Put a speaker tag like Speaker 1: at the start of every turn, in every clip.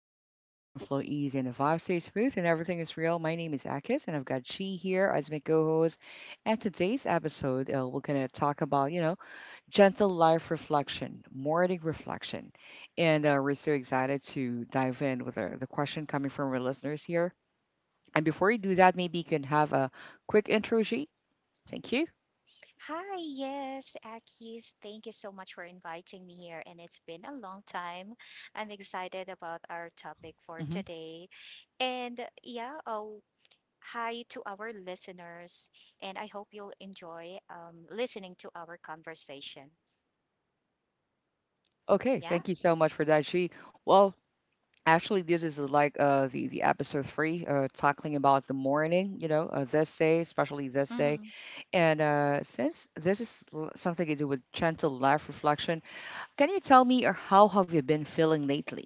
Speaker 1: where conversation flow easy and the vibe stays smooth and everything is real. My name is Akis and I've got Chi here as my co-host. And today's episode, we're gonna talk about gentle life reflection, morning reflection, and we're so excited to dive in with the question coming from our listeners here. And before you do that, maybe you can have a quick intro, Chi. Thank you.
Speaker 2: Hi, yes, Akis. Thank you so much for inviting me here, and it's been a long time. I'm excited
Speaker 1: Yeah.
Speaker 2: about our topic for
Speaker 1: Hmm.
Speaker 2: today. And yeah, oh, hi to our listeners, and I hope you'll enjoy listening to our conversation.
Speaker 1: Okay,
Speaker 2: Yeah?
Speaker 1: thank you so much for that, She. Well, actually, this is like the episode three, talking about the morning. You know, this day, especially this day, and since this is something to do with gentle life reflection, can you tell me how have you been feeling lately?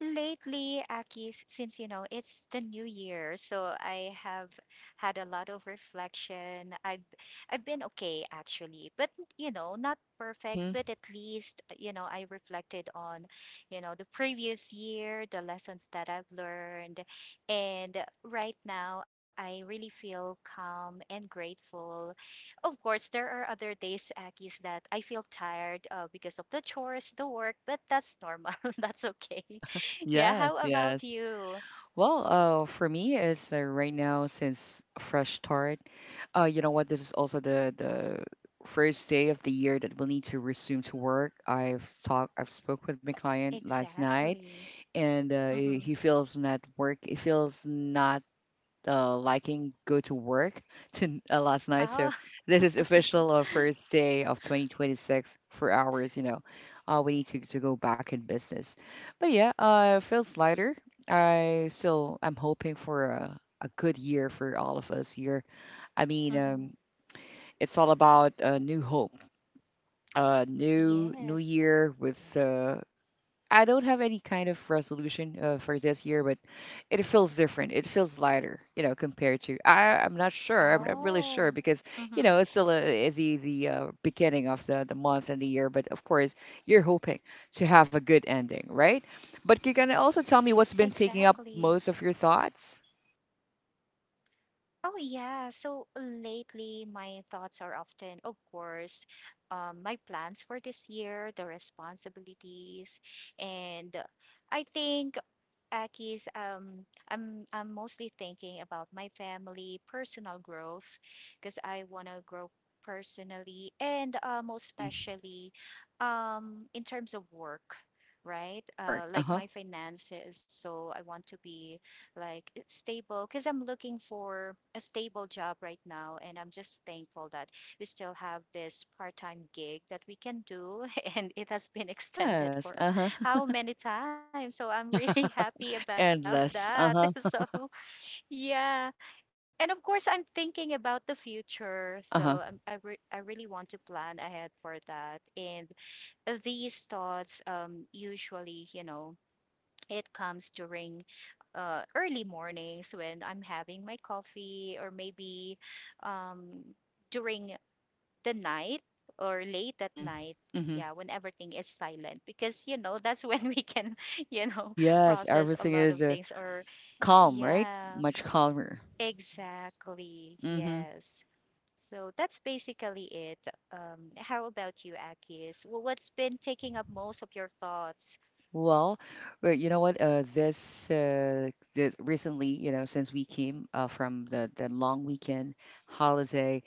Speaker 2: Lately, Akis, since you know it's the new year, so I have had a lot of reflection. I've been okay actually, but you know, not perfect,
Speaker 1: Mm-hmm.
Speaker 2: but at least you know I reflected on, you know, the previous year, the lessons that I've learned, and right now I really feel calm and grateful. Of course, there are other days, Akis, that I feel tired because of the chores, the work, but that's normal. That's okay. Yeah,
Speaker 1: Yes,
Speaker 2: how about
Speaker 1: yes.
Speaker 2: you?
Speaker 1: Well, for me is right now since fresh start. You know what? This is also the first day of the year that we'll need to resume to work. I've talked, I've spoke with my client last night,
Speaker 2: Exactly.
Speaker 1: and he
Speaker 2: Mm-hmm.
Speaker 1: he feels not work. He feels not liking go to work to last night.
Speaker 2: Oh.
Speaker 1: So this is official first day of 2026 for hours. You know, we need to go back in business. But yeah, feels lighter. I still I'm hoping for a good year for all of us here. I mean,
Speaker 2: Mm-hmm.
Speaker 1: it's all about new hope, new
Speaker 2: Yes.
Speaker 1: year with I don't have any kind of resolution for this year, but it feels different. It feels lighter, you know, compared to I'm not sure. I'm not really sure
Speaker 2: Oh,
Speaker 1: because you
Speaker 2: mm-hmm.
Speaker 1: know it's still the beginning of the month and the year. But of course, you're hoping to have a good ending, right? But you can also tell me what's been taking up
Speaker 2: Exactly.
Speaker 1: most of your thoughts.
Speaker 2: Oh, yeah. So lately, my thoughts are often, of course, my plans for this year, the responsibilities, and I think Aki's, I'm mostly thinking about my family, personal growth, because I want to grow personally and most
Speaker 1: Hmm.
Speaker 2: especially in terms of work, right?
Speaker 1: Work. Uh
Speaker 2: Like
Speaker 1: huh.
Speaker 2: my finances. So I want to be like stable because I'm looking for a stable job right now, and I'm just thankful that we still have this part-time gig that we can do, and it has been extended
Speaker 1: Yes.
Speaker 2: for
Speaker 1: Uh huh.
Speaker 2: how many times. So I'm really happy about that.
Speaker 1: Endless.
Speaker 2: So
Speaker 1: Uh huh.
Speaker 2: yeah. And of course, I'm thinking about the future.
Speaker 1: Uh
Speaker 2: I
Speaker 1: huh.
Speaker 2: really want to plan ahead for that. And these thoughts, usually, you know, it comes during early mornings when I'm having my coffee or maybe um, during the night or late at
Speaker 1: Mm-hmm.
Speaker 2: night,
Speaker 1: Mm-hmm.
Speaker 2: yeah, when everything is silent because you know that's when we can you know
Speaker 1: Yes,
Speaker 2: process a
Speaker 1: everything
Speaker 2: lot
Speaker 1: is
Speaker 2: of things or
Speaker 1: calm, right?
Speaker 2: yeah,
Speaker 1: Much calmer.
Speaker 2: exactly,
Speaker 1: Mm-hmm.
Speaker 2: yes. So that's basically it. How about you, Akis? Well, what's been taking up most of your thoughts?
Speaker 1: Well, well, you know what? This recently, you know, since we came from the long weekend holiday,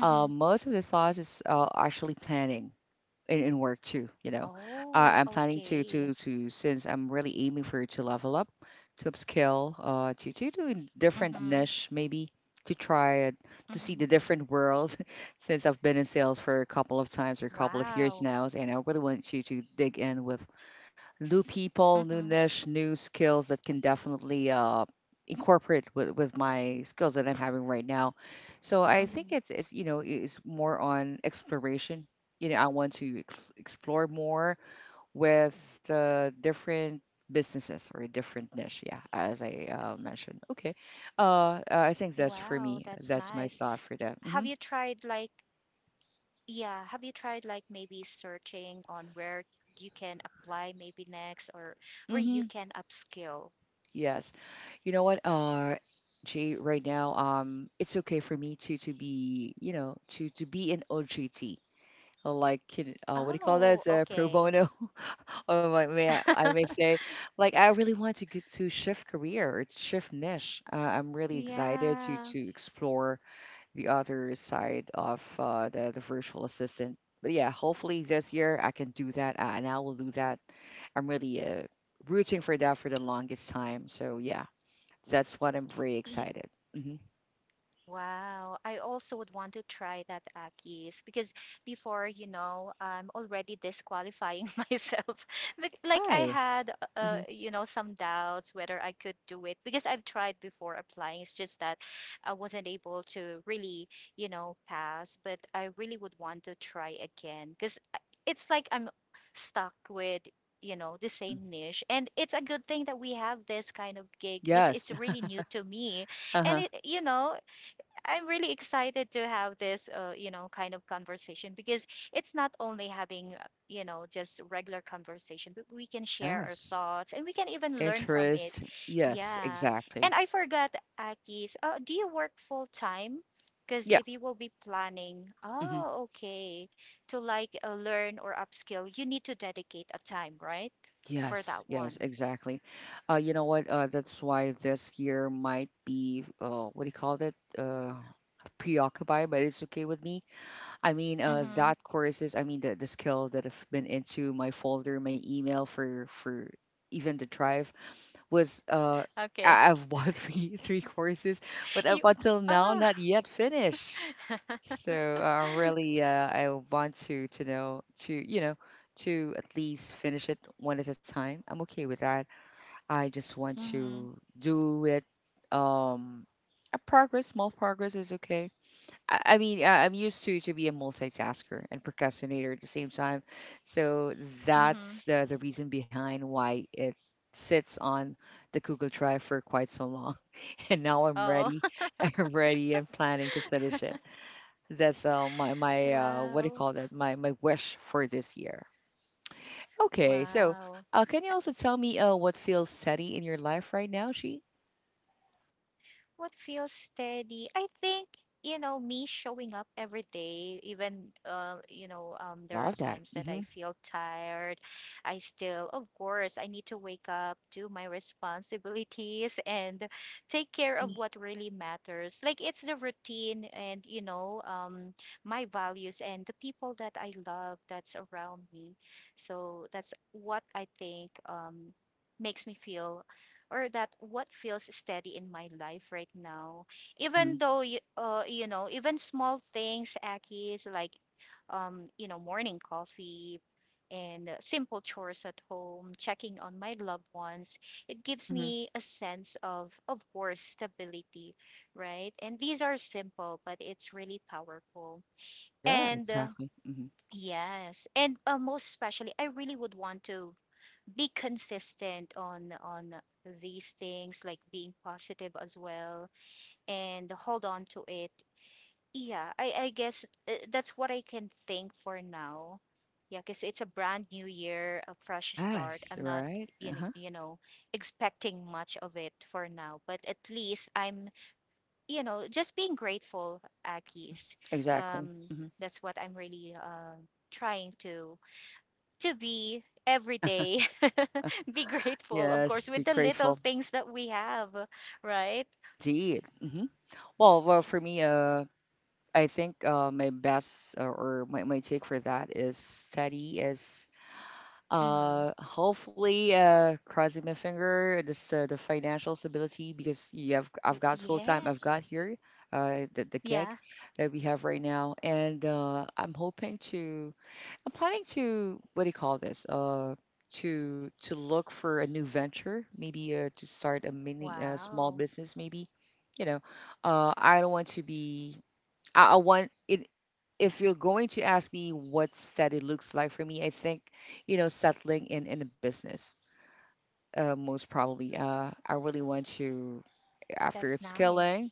Speaker 2: Mm-hmm.
Speaker 1: most of the thoughts is actually planning in work too. You know, I'm
Speaker 2: Oh,
Speaker 1: planning to to
Speaker 2: okay.
Speaker 1: to since I'm really aiming for to level up, to upscale, to do a different
Speaker 2: Mm-hmm.
Speaker 1: niche maybe to try it, to see the
Speaker 2: Mm-hmm.
Speaker 1: different worlds. Since I've been in sales for a couple of times or a couple of years
Speaker 2: Wow.
Speaker 1: now, and I really want to dig in with new people, new
Speaker 2: Mm-hmm.
Speaker 1: niche, new skills that can definitely incorporate with my skills that I'm having right now. So I think
Speaker 2: Mm-hmm.
Speaker 1: it's you know it's more on exploration. You know, I want to explore more with different businesses or a different niche. Yeah, as I mentioned. Okay, I think that's for
Speaker 2: Wow,
Speaker 1: me.
Speaker 2: that's
Speaker 1: That's my
Speaker 2: nice.
Speaker 1: thought for that.
Speaker 2: Have you
Speaker 1: Hmm.
Speaker 2: tried like Yeah, have you tried like maybe searching on where you can apply maybe next, or where you
Speaker 1: Hmm.
Speaker 2: can upskill?
Speaker 1: Yes. You know what, Jay, right now, it's okay for me to be, you know, to be an OJT, like, what do you call that?
Speaker 2: Oh,
Speaker 1: It's a pro
Speaker 2: okay.
Speaker 1: bono, or what I may say, like, I really want to get to shift career, it's shift niche. I'm really excited to
Speaker 2: Yeah.
Speaker 1: explore the other side of the virtual assistant. But yeah, hopefully this year I can do that, and I will do that. I'm really rooting for that for the longest time. So yeah, that's what I'm very excited. Hmm.
Speaker 2: Wow, I also would want to try that, Akis, because before, you know, I'm already disqualifying myself. Like I
Speaker 1: Why?
Speaker 2: had,
Speaker 1: Hmm.
Speaker 2: you know, some doubts whether I could do it because I've tried before applying. It's just that I wasn't able to really, you know, pass, but I really would want to try again because it's like I'm stuck with, you know, the
Speaker 1: Hmm.
Speaker 2: same niche. And it's a good thing that we have this kind of gig because
Speaker 1: Yes.
Speaker 2: it's really new to me, and
Speaker 1: Uh-huh.
Speaker 2: it, you know, I'm really excited to have this, you know, kind of conversation because it's not only having, you know, just regular conversation, but we can share our
Speaker 1: Yes.
Speaker 2: thoughts and we can even learn from it.
Speaker 1: Interest. Yes,
Speaker 2: Yeah.
Speaker 1: exactly.
Speaker 2: And I forgot, Akis, do you work full time? Because
Speaker 1: Yeah.
Speaker 2: if you will be planning,
Speaker 1: Hmm.
Speaker 2: oh, okay, to like learn or upskill, you need to dedicate a time, right? For
Speaker 1: Yes,
Speaker 2: that
Speaker 1: yes,
Speaker 2: one.
Speaker 1: exactly. You know what? That's why this year might be, what do you call it? Preoccupied, but it's okay with me. I mean,
Speaker 2: Mm-hmm.
Speaker 1: that courses, I mean, the skill that I've been into my folder, my email for even the drive was
Speaker 2: Okay.
Speaker 1: I've bought three courses, but up
Speaker 2: You,
Speaker 1: until now,
Speaker 2: oh.
Speaker 1: not yet finished. So really, I want to know to you know to at least finish it one at a time. I'm okay with that. I just want
Speaker 2: Mm-hmm.
Speaker 1: to do it. Um, a progress, small progress is okay. I mean, I'm used to be a multitasker and procrastinator at the same time, so
Speaker 2: Mm-hmm.
Speaker 1: that's the reason behind why it sits on the Google Drive for quite so long. And now I'm
Speaker 2: Oh,
Speaker 1: ready. I'm ready and planning to finish it. That's my what do you
Speaker 2: wow.
Speaker 1: call that? My wish for this year. Okay, so
Speaker 2: Wow.
Speaker 1: can you also tell me what feels steady in your life right now, She?
Speaker 2: What feels steady? I think, you know, me showing up every day, even, you know,
Speaker 1: I
Speaker 2: there are
Speaker 1: love that.
Speaker 2: times that
Speaker 1: Mm-hmm.
Speaker 2: I feel tired. I still, of course, I need to wake up, do my responsibilities, and take care of
Speaker 1: Mm-hmm.
Speaker 2: what really matters. Like it's the routine and, you know, my values and the people that I love that's around me. So that's what I think, makes me feel or that what feels steady in my life right now, even
Speaker 1: Mm-hmm.
Speaker 2: though you, you know, even small things, aki is like you know, morning coffee and simple chores at home, checking on my loved ones. It gives
Speaker 1: Mm-hmm.
Speaker 2: me a sense of course, stability, right? And these are simple, but it's really powerful.
Speaker 1: Yeah,
Speaker 2: And
Speaker 1: exactly. Mhm.
Speaker 2: yes, and most especially, I really would want to be consistent on these things, like being positive as well, and hold on to it. Yeah, I guess that's what I can think for now. Yeah, because it's a brand new year, a fresh start.
Speaker 1: Yes,
Speaker 2: I'm not
Speaker 1: right?
Speaker 2: you know,
Speaker 1: Uh-huh.
Speaker 2: you know expecting much of it for now, but at least I'm, you know, just being grateful,
Speaker 1: Hmm.
Speaker 2: Akis.
Speaker 1: Exactly.
Speaker 2: um
Speaker 1: Hmm.
Speaker 2: that's what I'm really trying to be every day. Be grateful, of
Speaker 1: Yes,
Speaker 2: course,
Speaker 1: be
Speaker 2: with the little
Speaker 1: grateful.
Speaker 2: things that we have, right?
Speaker 1: Indeed. Hmm. Well, well, for me, I think my best or my take for that is steady is
Speaker 2: Mm-hmm.
Speaker 1: hopefully crossing my finger this the financial stability because you have I've got full time, I've
Speaker 2: Yes.
Speaker 1: got here the gig
Speaker 2: Yeah.
Speaker 1: that we have right now and I'm planning to, what do you call this? To look for a new venture, maybe to start a mini small
Speaker 2: Wow,
Speaker 1: business, maybe. You know, I don't want to be. I want it. If you're going to ask me what steady looks like for me, I think you know settling in a business. Most probably, I really want to, after
Speaker 2: that's nice.
Speaker 1: upskilling,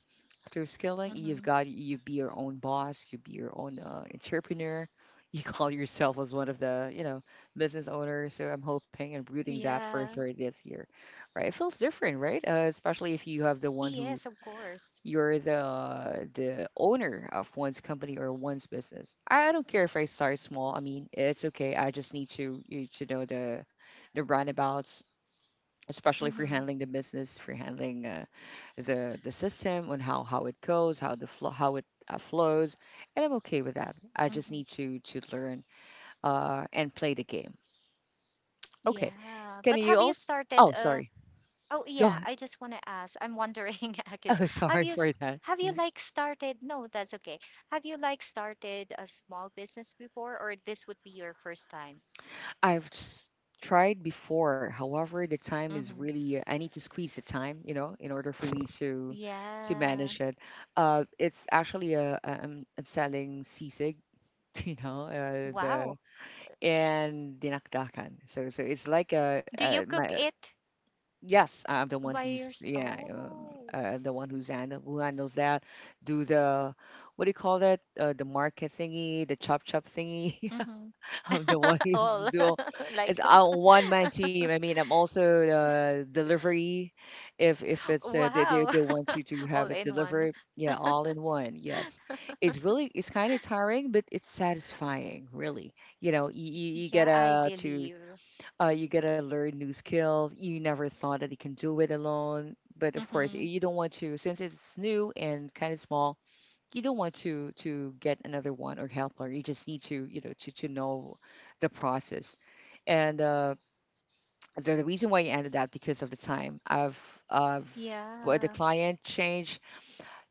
Speaker 1: you've
Speaker 2: Mm-hmm.
Speaker 1: got, you be your own boss, you be your own entrepreneur, you call yourself as one of the you know business owners. So I'm hoping and rooting that for
Speaker 2: Yeah.
Speaker 1: third this year. Right, it feels different, right? Uh, especially if you have the one who
Speaker 2: Yes, of course.
Speaker 1: you're the owner of one's company or one's business. I don't care if I start small. I mean, it's okay. I just need to you to know the roundabouts, especially if you're
Speaker 2: Mm-hmm.
Speaker 1: handling the business, if you're handling the system on how it goes, how the flow, how it flows, and I'm okay with that. I just
Speaker 2: Mm-hmm.
Speaker 1: need to learn and play the game. Okay,
Speaker 2: Yeah,
Speaker 1: can
Speaker 2: but have
Speaker 1: you
Speaker 2: you
Speaker 1: also?
Speaker 2: started
Speaker 1: Oh,
Speaker 2: uh
Speaker 1: sorry.
Speaker 2: oh
Speaker 1: Go
Speaker 2: yeah,
Speaker 1: ahead.
Speaker 2: I just want to ask. I'm wondering, Akis,
Speaker 1: Oh,
Speaker 2: have
Speaker 1: sorry
Speaker 2: you s-
Speaker 1: for that.
Speaker 2: have you
Speaker 1: Mm.
Speaker 2: like started, no that's okay, have you like started a small business before, or this would be your first time?
Speaker 1: I've s- tried before. However, the time is really I need to squeeze the time, you know, in order for me to
Speaker 2: Yeah.
Speaker 1: manage it. It's actually a I'm selling sisig, you know,
Speaker 2: Wow.
Speaker 1: the and dinakdakan. So so it's like
Speaker 2: Do
Speaker 1: a
Speaker 2: you
Speaker 1: my
Speaker 2: cook it
Speaker 1: yes, I'm the one
Speaker 2: by
Speaker 1: who's
Speaker 2: yours?
Speaker 1: yeah,
Speaker 2: Oh.
Speaker 1: the one who's handle, who handles that. Do the, what do you call that? The market thingy, the chop chop thingy.
Speaker 2: Mm-hmm.
Speaker 1: I'm the one who's
Speaker 2: All.
Speaker 1: do. It's
Speaker 2: Like,
Speaker 1: a one man team. I mean, I'm also the delivery. If it's
Speaker 2: wow.
Speaker 1: they want you to have
Speaker 2: All
Speaker 1: it
Speaker 2: in one.
Speaker 1: delivered, yeah, all in one. Yes, it's really it's kind of tiring, but it's satisfying. Really, you know,
Speaker 2: Y-
Speaker 1: you
Speaker 2: Yeah,
Speaker 1: get
Speaker 2: I
Speaker 1: to
Speaker 2: believe.
Speaker 1: you gotta learn new skills. You never thought that you can do it alone, but of course,
Speaker 2: Mm-hmm.
Speaker 1: you don't want to since it's new and kind of small. You don't want to get another one or helper. You just need to you know to know the process. And the reason why you ended that because of the time. I've I the
Speaker 2: Yeah.
Speaker 1: client changed,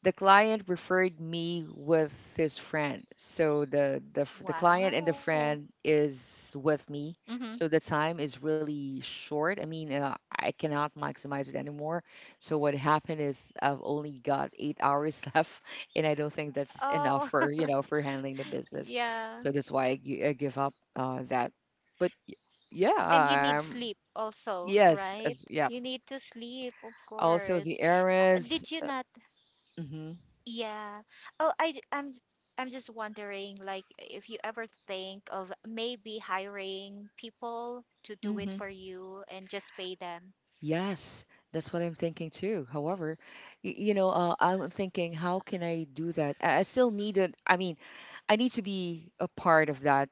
Speaker 1: the client referred me with his friend. So the client and the
Speaker 2: Wow.
Speaker 1: friend is with me.
Speaker 2: Mm-hmm.
Speaker 1: So the time is really short. I mean, I cannot maximize it anymore. So what happened is I've only got 8 hours left, and I don't think that's enough
Speaker 2: Oh.
Speaker 1: for you know for handling the business.
Speaker 2: Yeah.
Speaker 1: So that's why I give up that. But y-
Speaker 2: And you
Speaker 1: yeah,
Speaker 2: need sleep also,
Speaker 1: yes, as
Speaker 2: right?
Speaker 1: yeah.
Speaker 2: You need to sleep, of
Speaker 1: Also
Speaker 2: course.
Speaker 1: the errands.
Speaker 2: Did you not Yeah. Oh, I, j- I'm just wondering, like, if you ever think of maybe hiring people to do
Speaker 1: Hmm.
Speaker 2: it for you and just pay them.
Speaker 1: Yes, that's what I'm thinking too. However, you know, I'm thinking, how can I do that? I still need it. I mean, I need to be a part of that.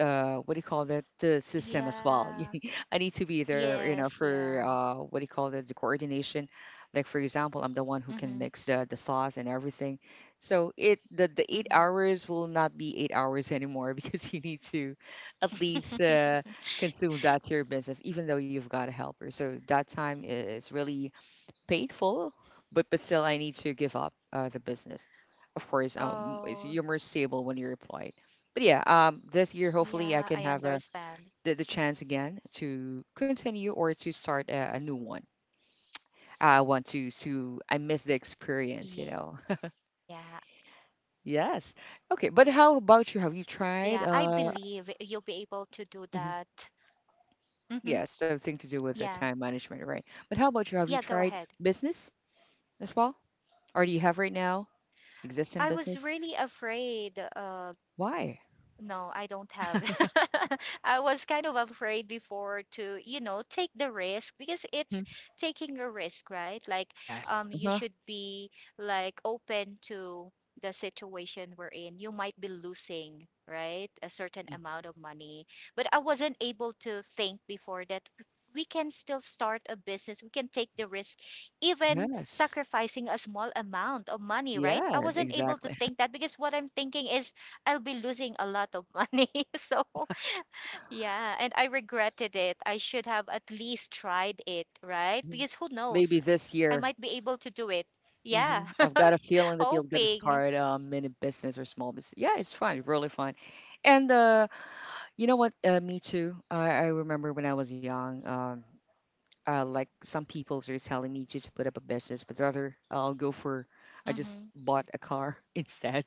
Speaker 1: What do you call that? The system as well.
Speaker 2: Yeah.
Speaker 1: I need to be there, you know,
Speaker 2: Yes.
Speaker 1: for
Speaker 2: Yeah.
Speaker 1: what do you call that? The coordination. Like for example, I'm the one who
Speaker 2: Mm-hmm.
Speaker 1: can mix the sauce and everything. So it the 8 hours will not be 8 hours anymore because you need to at least
Speaker 2: Mm-hmm.
Speaker 1: consume that to your business, even though you've got a helper. So that time is really painful, but still I need to give up the business. Of course, it's,
Speaker 2: Oh,
Speaker 1: you're more stable when you're employed. But yeah, this year hopefully I
Speaker 2: yeah,
Speaker 1: can
Speaker 2: I
Speaker 1: have a
Speaker 2: understand.
Speaker 1: the chance again to continue or to start a new one. I want to I miss the
Speaker 2: Yeah.
Speaker 1: experience, Yes.
Speaker 2: Yeah, I
Speaker 1: Okay, but
Speaker 2: believe
Speaker 1: how
Speaker 2: you'll
Speaker 1: about
Speaker 2: be
Speaker 1: you? Have you
Speaker 2: able to do
Speaker 1: tried
Speaker 2: that. Mm-hmm.
Speaker 1: mhm,
Speaker 2: Yeah.
Speaker 1: yes, something to do with the time
Speaker 2: Yeah, go
Speaker 1: management, right?
Speaker 2: ahead.
Speaker 1: But how about you? Have you tried business as well? Or do you have right now
Speaker 2: I was really
Speaker 1: existing business?
Speaker 2: afraid, No,
Speaker 1: Why?
Speaker 2: I don't have. I was kind of afraid before to, you know, take the risk, because it's taking a risk, right? Like, you
Speaker 1: Yes.
Speaker 2: should
Speaker 1: Uh-huh.
Speaker 2: be like open to the situation we're in. You might be losing, right? A certain
Speaker 1: hmm
Speaker 2: amount of money. But I wasn't able to think before that we can still start a business. We can take the risk, even
Speaker 1: Yes.
Speaker 2: sacrificing a small amount of money, right? I
Speaker 1: Yes,
Speaker 2: wasn't able to
Speaker 1: exactly.
Speaker 2: think that because what I'm thinking is I'll be losing a lot of money. So, yeah, and I regretted it. I should have at least tried it, right?
Speaker 1: hmm
Speaker 2: Because who knows?
Speaker 1: Maybe this
Speaker 2: I
Speaker 1: year.
Speaker 2: might be able to do it. Yeah,
Speaker 1: I've got a feeling that you'll get to
Speaker 2: hoping.
Speaker 1: start a mini business or small business. Yeah, it's fun, really fun. And you know what? Me too. I remember when I was young. Like some people are telling me to put up a business, but rather I'll go for I just
Speaker 2: Hmm.
Speaker 1: bought a car instead,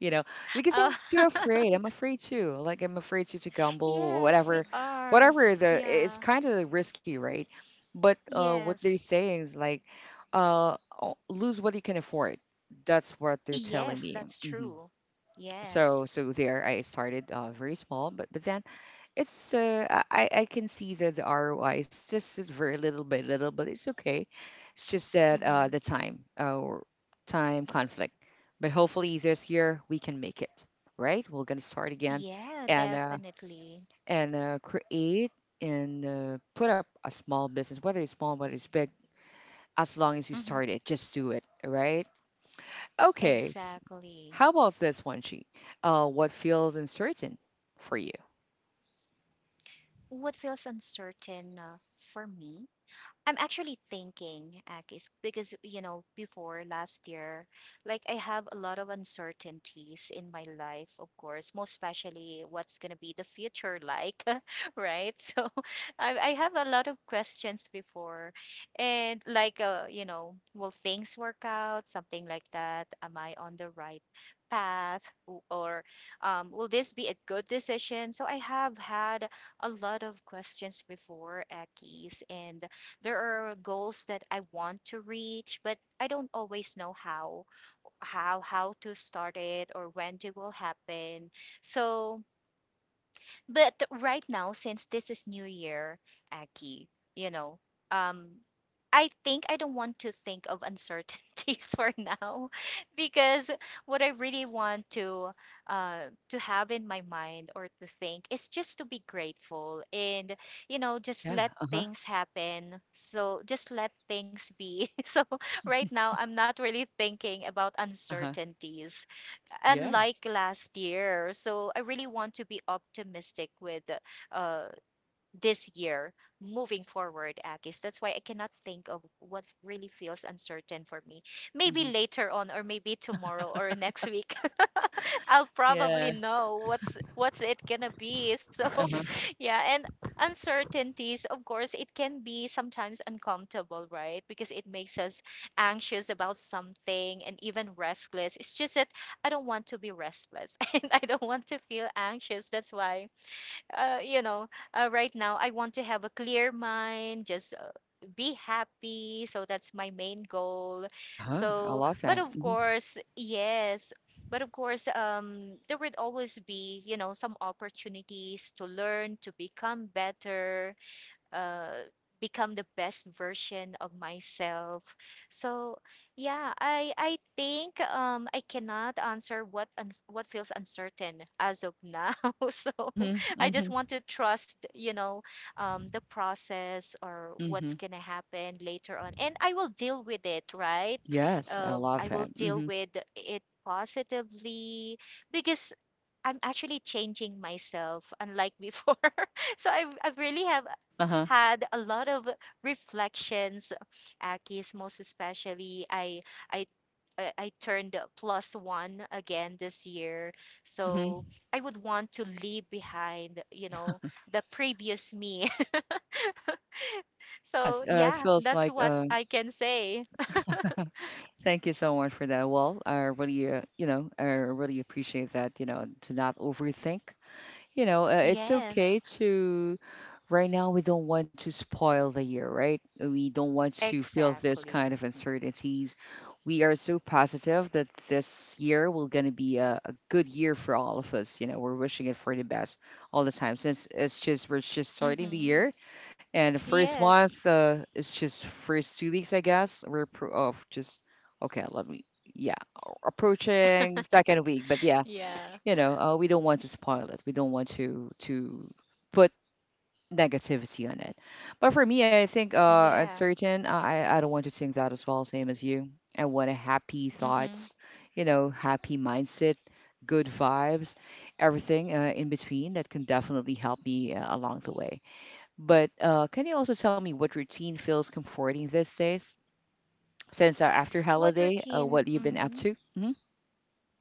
Speaker 1: you know, because I'm
Speaker 2: Oh,
Speaker 1: too afraid. I'm afraid too. Like I'm afraid to gamble,
Speaker 2: yes, we
Speaker 1: whatever,
Speaker 2: are.
Speaker 1: whatever. The It's
Speaker 2: Yeah,
Speaker 1: kind of risky, right? But what they're
Speaker 2: yes,
Speaker 1: saying is like, uh, lose what you can afford. That's what they're telling
Speaker 2: yes,
Speaker 1: me.
Speaker 2: that's true.
Speaker 1: So
Speaker 2: Yes.
Speaker 1: there, I started very small, but then it's I can see the ROI. It's just is very little by little, but it's okay. It's just that the
Speaker 2: Hmm.
Speaker 1: time or time conflict. But hopefully this year we can make it, right? We're gonna start again
Speaker 2: Yeah,
Speaker 1: and
Speaker 2: definitely.
Speaker 1: create and put up a small business, whether it's small, whether it's big. As long as you
Speaker 2: Hmm.
Speaker 1: start it, just do it, right? Okay.
Speaker 2: Exactly.
Speaker 1: How about this one, Chi? What feels uncertain for you?
Speaker 2: What feels uncertain for me? I'm actually thinking, Akis, because you know, before last year, like I have a lot of uncertainties in my life, of course, most especially what's gonna be the future like, right? So I have a lot of questions before, and like, you know, will things work out? Something like that. Am I on the right path, or will this be a good decision? So I have had a lot of questions before, Akis, and there are goals that I want to reach, but I don't always know how, how to start it or when it will happen. So but right now, since this is New Year, Aki, you know, um, I think I don't want to think of uncertainties for now, because what I really want to have in my mind or to think is just to be grateful, and you know, just
Speaker 1: Yeah.
Speaker 2: let
Speaker 1: Uh huh.
Speaker 2: things happen. So just let things be. So right now I'm not really thinking about
Speaker 1: Uh huh.
Speaker 2: uncertainties, unlike
Speaker 1: Yes.
Speaker 2: last year. So I really want to be optimistic with uh, this year moving forward, Akis. That's why I cannot think of what really feels uncertain for me. Maybe
Speaker 1: Mhm.
Speaker 2: later on, or maybe tomorrow or next week. I'll probably
Speaker 1: Yeah.
Speaker 2: know what's it gonna be. So
Speaker 1: Uh-huh.
Speaker 2: yeah, and uncertainties, of course, it can be sometimes uncomfortable, right? Because it makes us anxious about something and even restless. It's just that I don't want to be restless and I don't want to feel anxious. That's why you know, right now I want to have a clear mind, just be happy. So that's my main goal.
Speaker 1: Uh-huh. I
Speaker 2: So,
Speaker 1: love
Speaker 2: but
Speaker 1: that.
Speaker 2: of course, yes. But of course, there would always be, you know, some opportunities to learn, to become better, uh, become the best version of myself. So yeah, I think I cannot answer what uns what feels uncertain as of now. So
Speaker 1: Mhm.
Speaker 2: I just
Speaker 1: Mhm.
Speaker 2: want to trust, you know, the process or
Speaker 1: Mhm.
Speaker 2: what's gonna happen later on, and I will deal with it, right?
Speaker 1: Yes, I
Speaker 2: I
Speaker 1: love
Speaker 2: will
Speaker 1: that.
Speaker 2: deal with it positively, because I'm actually changing myself, unlike before. So I've really have
Speaker 1: Uh-huh.
Speaker 2: had a lot of reflections, Akis, most especially. I I turned plus one again this year,
Speaker 1: Mhm.
Speaker 2: so I would want to leave behind, you know, the previous me. So
Speaker 1: Yes, it
Speaker 2: yeah,
Speaker 1: feels
Speaker 2: that's
Speaker 1: like
Speaker 2: what I can say.
Speaker 1: thank you so much for that. Well, I really, you know, I really appreciate that, you know, to not overthink it's okay
Speaker 2: Yes,
Speaker 1: to. Right now, we don't want to spoil the year, right? We don't want to feel this kind
Speaker 2: exactly.
Speaker 1: of uncertainties. We are so positive that this year will gonna be a good year for all of us. You know, we're wishing it for the best all the time. Since it's just we're just starting the
Speaker 2: Mm-hmm.
Speaker 1: year, and the first
Speaker 2: Yes.
Speaker 1: month, it's just first 2 weeks, I guess. We're just okay. Let me, yeah, approaching second week, but yeah,
Speaker 2: Yeah.
Speaker 1: you know, we don't want to spoil it. We don't want to put negativity on it, but for me I think
Speaker 2: Yeah.
Speaker 1: uncertain, I don't want to think that as well, same as you. I want a happy
Speaker 2: Mm-hmm.
Speaker 1: thoughts, you know, happy mindset, good vibes, everything in between that can definitely help me along the way. But can you also tell me what routine feels comforting these days, since after
Speaker 2: What
Speaker 1: holiday
Speaker 2: routine?
Speaker 1: what you've been up
Speaker 2: Hmm.
Speaker 1: to?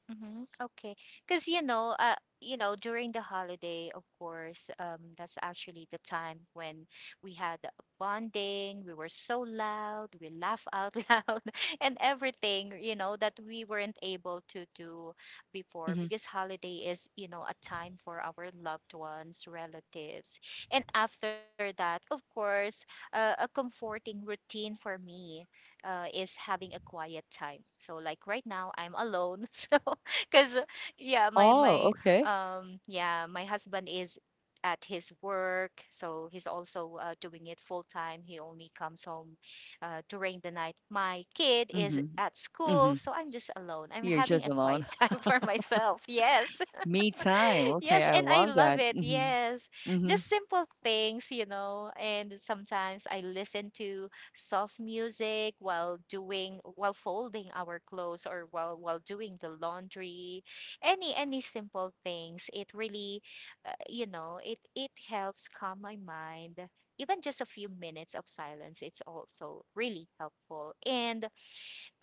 Speaker 2: Mm-hmm. Okay. Because during the holiday, of course, that's actually the time when we had bonding. We were so loud, we laugh out loud, and everything, you know, that we weren't able to do before
Speaker 1: hmm
Speaker 2: because holiday is, you know, a time for our loved ones, relatives. And after that, of course, a comforting routine for me is having a quiet time. So like right now, I'm alone. So Cause yeah, my
Speaker 1: oh,
Speaker 2: my
Speaker 1: okay.
Speaker 2: yeah, my husband is at his work, so he's also doing it full time. He only comes home during the night. My kid is
Speaker 1: hmm
Speaker 2: at school,
Speaker 1: hmm
Speaker 2: so I'm just alone. I'm
Speaker 1: You're
Speaker 2: having
Speaker 1: just
Speaker 2: a quiet
Speaker 1: alone.
Speaker 2: time for myself. Yes.
Speaker 1: Me time. Okay,
Speaker 2: Yes,
Speaker 1: I
Speaker 2: and I
Speaker 1: love
Speaker 2: love
Speaker 1: that.
Speaker 2: it.
Speaker 1: Mhm.
Speaker 2: Yes.
Speaker 1: Mhm.
Speaker 2: Just simple things, you know. And sometimes I listen to soft music while doing while folding our clothes or while doing the laundry. Any simple things. It really you know, it helps calm my mind. Even just a few minutes of silence, it's also really helpful. And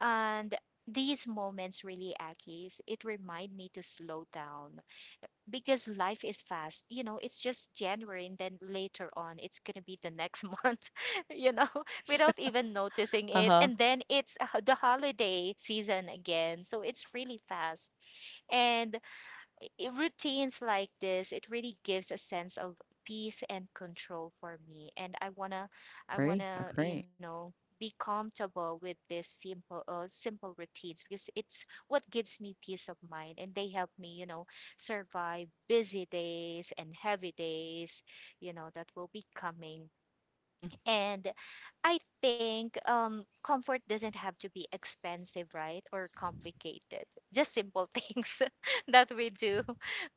Speaker 2: and these moments really, Akis, it remind me to slow down because life is fast. You know, it's just January and then later on it's going to be the next month, you know,
Speaker 1: Yes.
Speaker 2: without even noticing it.
Speaker 1: Uh-huh.
Speaker 2: And then it's the holiday season again. So it's really fast. And routines like this, it really gives a sense of peace and control for me. I
Speaker 1: Agree.
Speaker 2: wanna, you
Speaker 1: Agree.
Speaker 2: know, be comfortable with this simple routines because it's what gives me peace of mind, and they help me, you know, survive busy days and heavy days, you know, that will be coming.
Speaker 1: Mhm.
Speaker 2: And I think comfort doesn't have to be expensive, right? Or complicated. Just simple things that we do,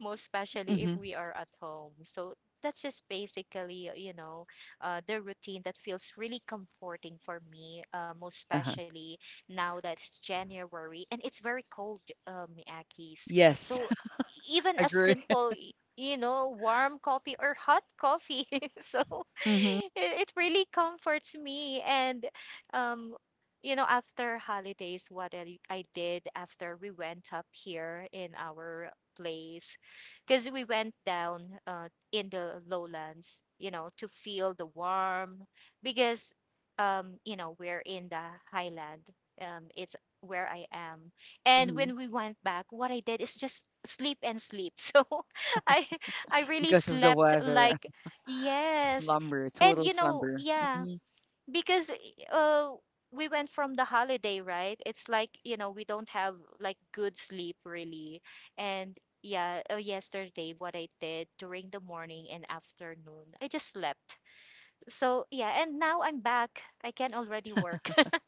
Speaker 2: most especially if
Speaker 1: Mhm.
Speaker 2: we are at home. So that's just basically, you know, the routine that feels really comforting for me, most
Speaker 1: Uh-huh.
Speaker 2: especially now that it's January and it's very cold, Akis.
Speaker 1: Yes.
Speaker 2: So even a
Speaker 1: Agree.
Speaker 2: simple, you know, warm coffee or hot coffee. so
Speaker 1: Mhm.
Speaker 2: it really comforts me. And, um, you know, after holidays, what I did after we went up here in our place, because we went down in the lowlands, you know, to feel the warm, because, you know, we're in the highland. It's where I am. And
Speaker 1: Mhm.
Speaker 2: when we went back, what I did is just sleep and sleep. So I I really
Speaker 1: Because of the
Speaker 2: slept
Speaker 1: weather.
Speaker 2: like yes.
Speaker 1: Slumber,
Speaker 2: And
Speaker 1: total
Speaker 2: you know,
Speaker 1: slumber.
Speaker 2: yeah,
Speaker 1: Mhm.
Speaker 2: because uh, we went from the holiday, right? It's like, you know, we don't have like good sleep really. And yeah, yesterday, what I did during the morning and afternoon, I just slept. So yeah, and now I'm back. I can already work.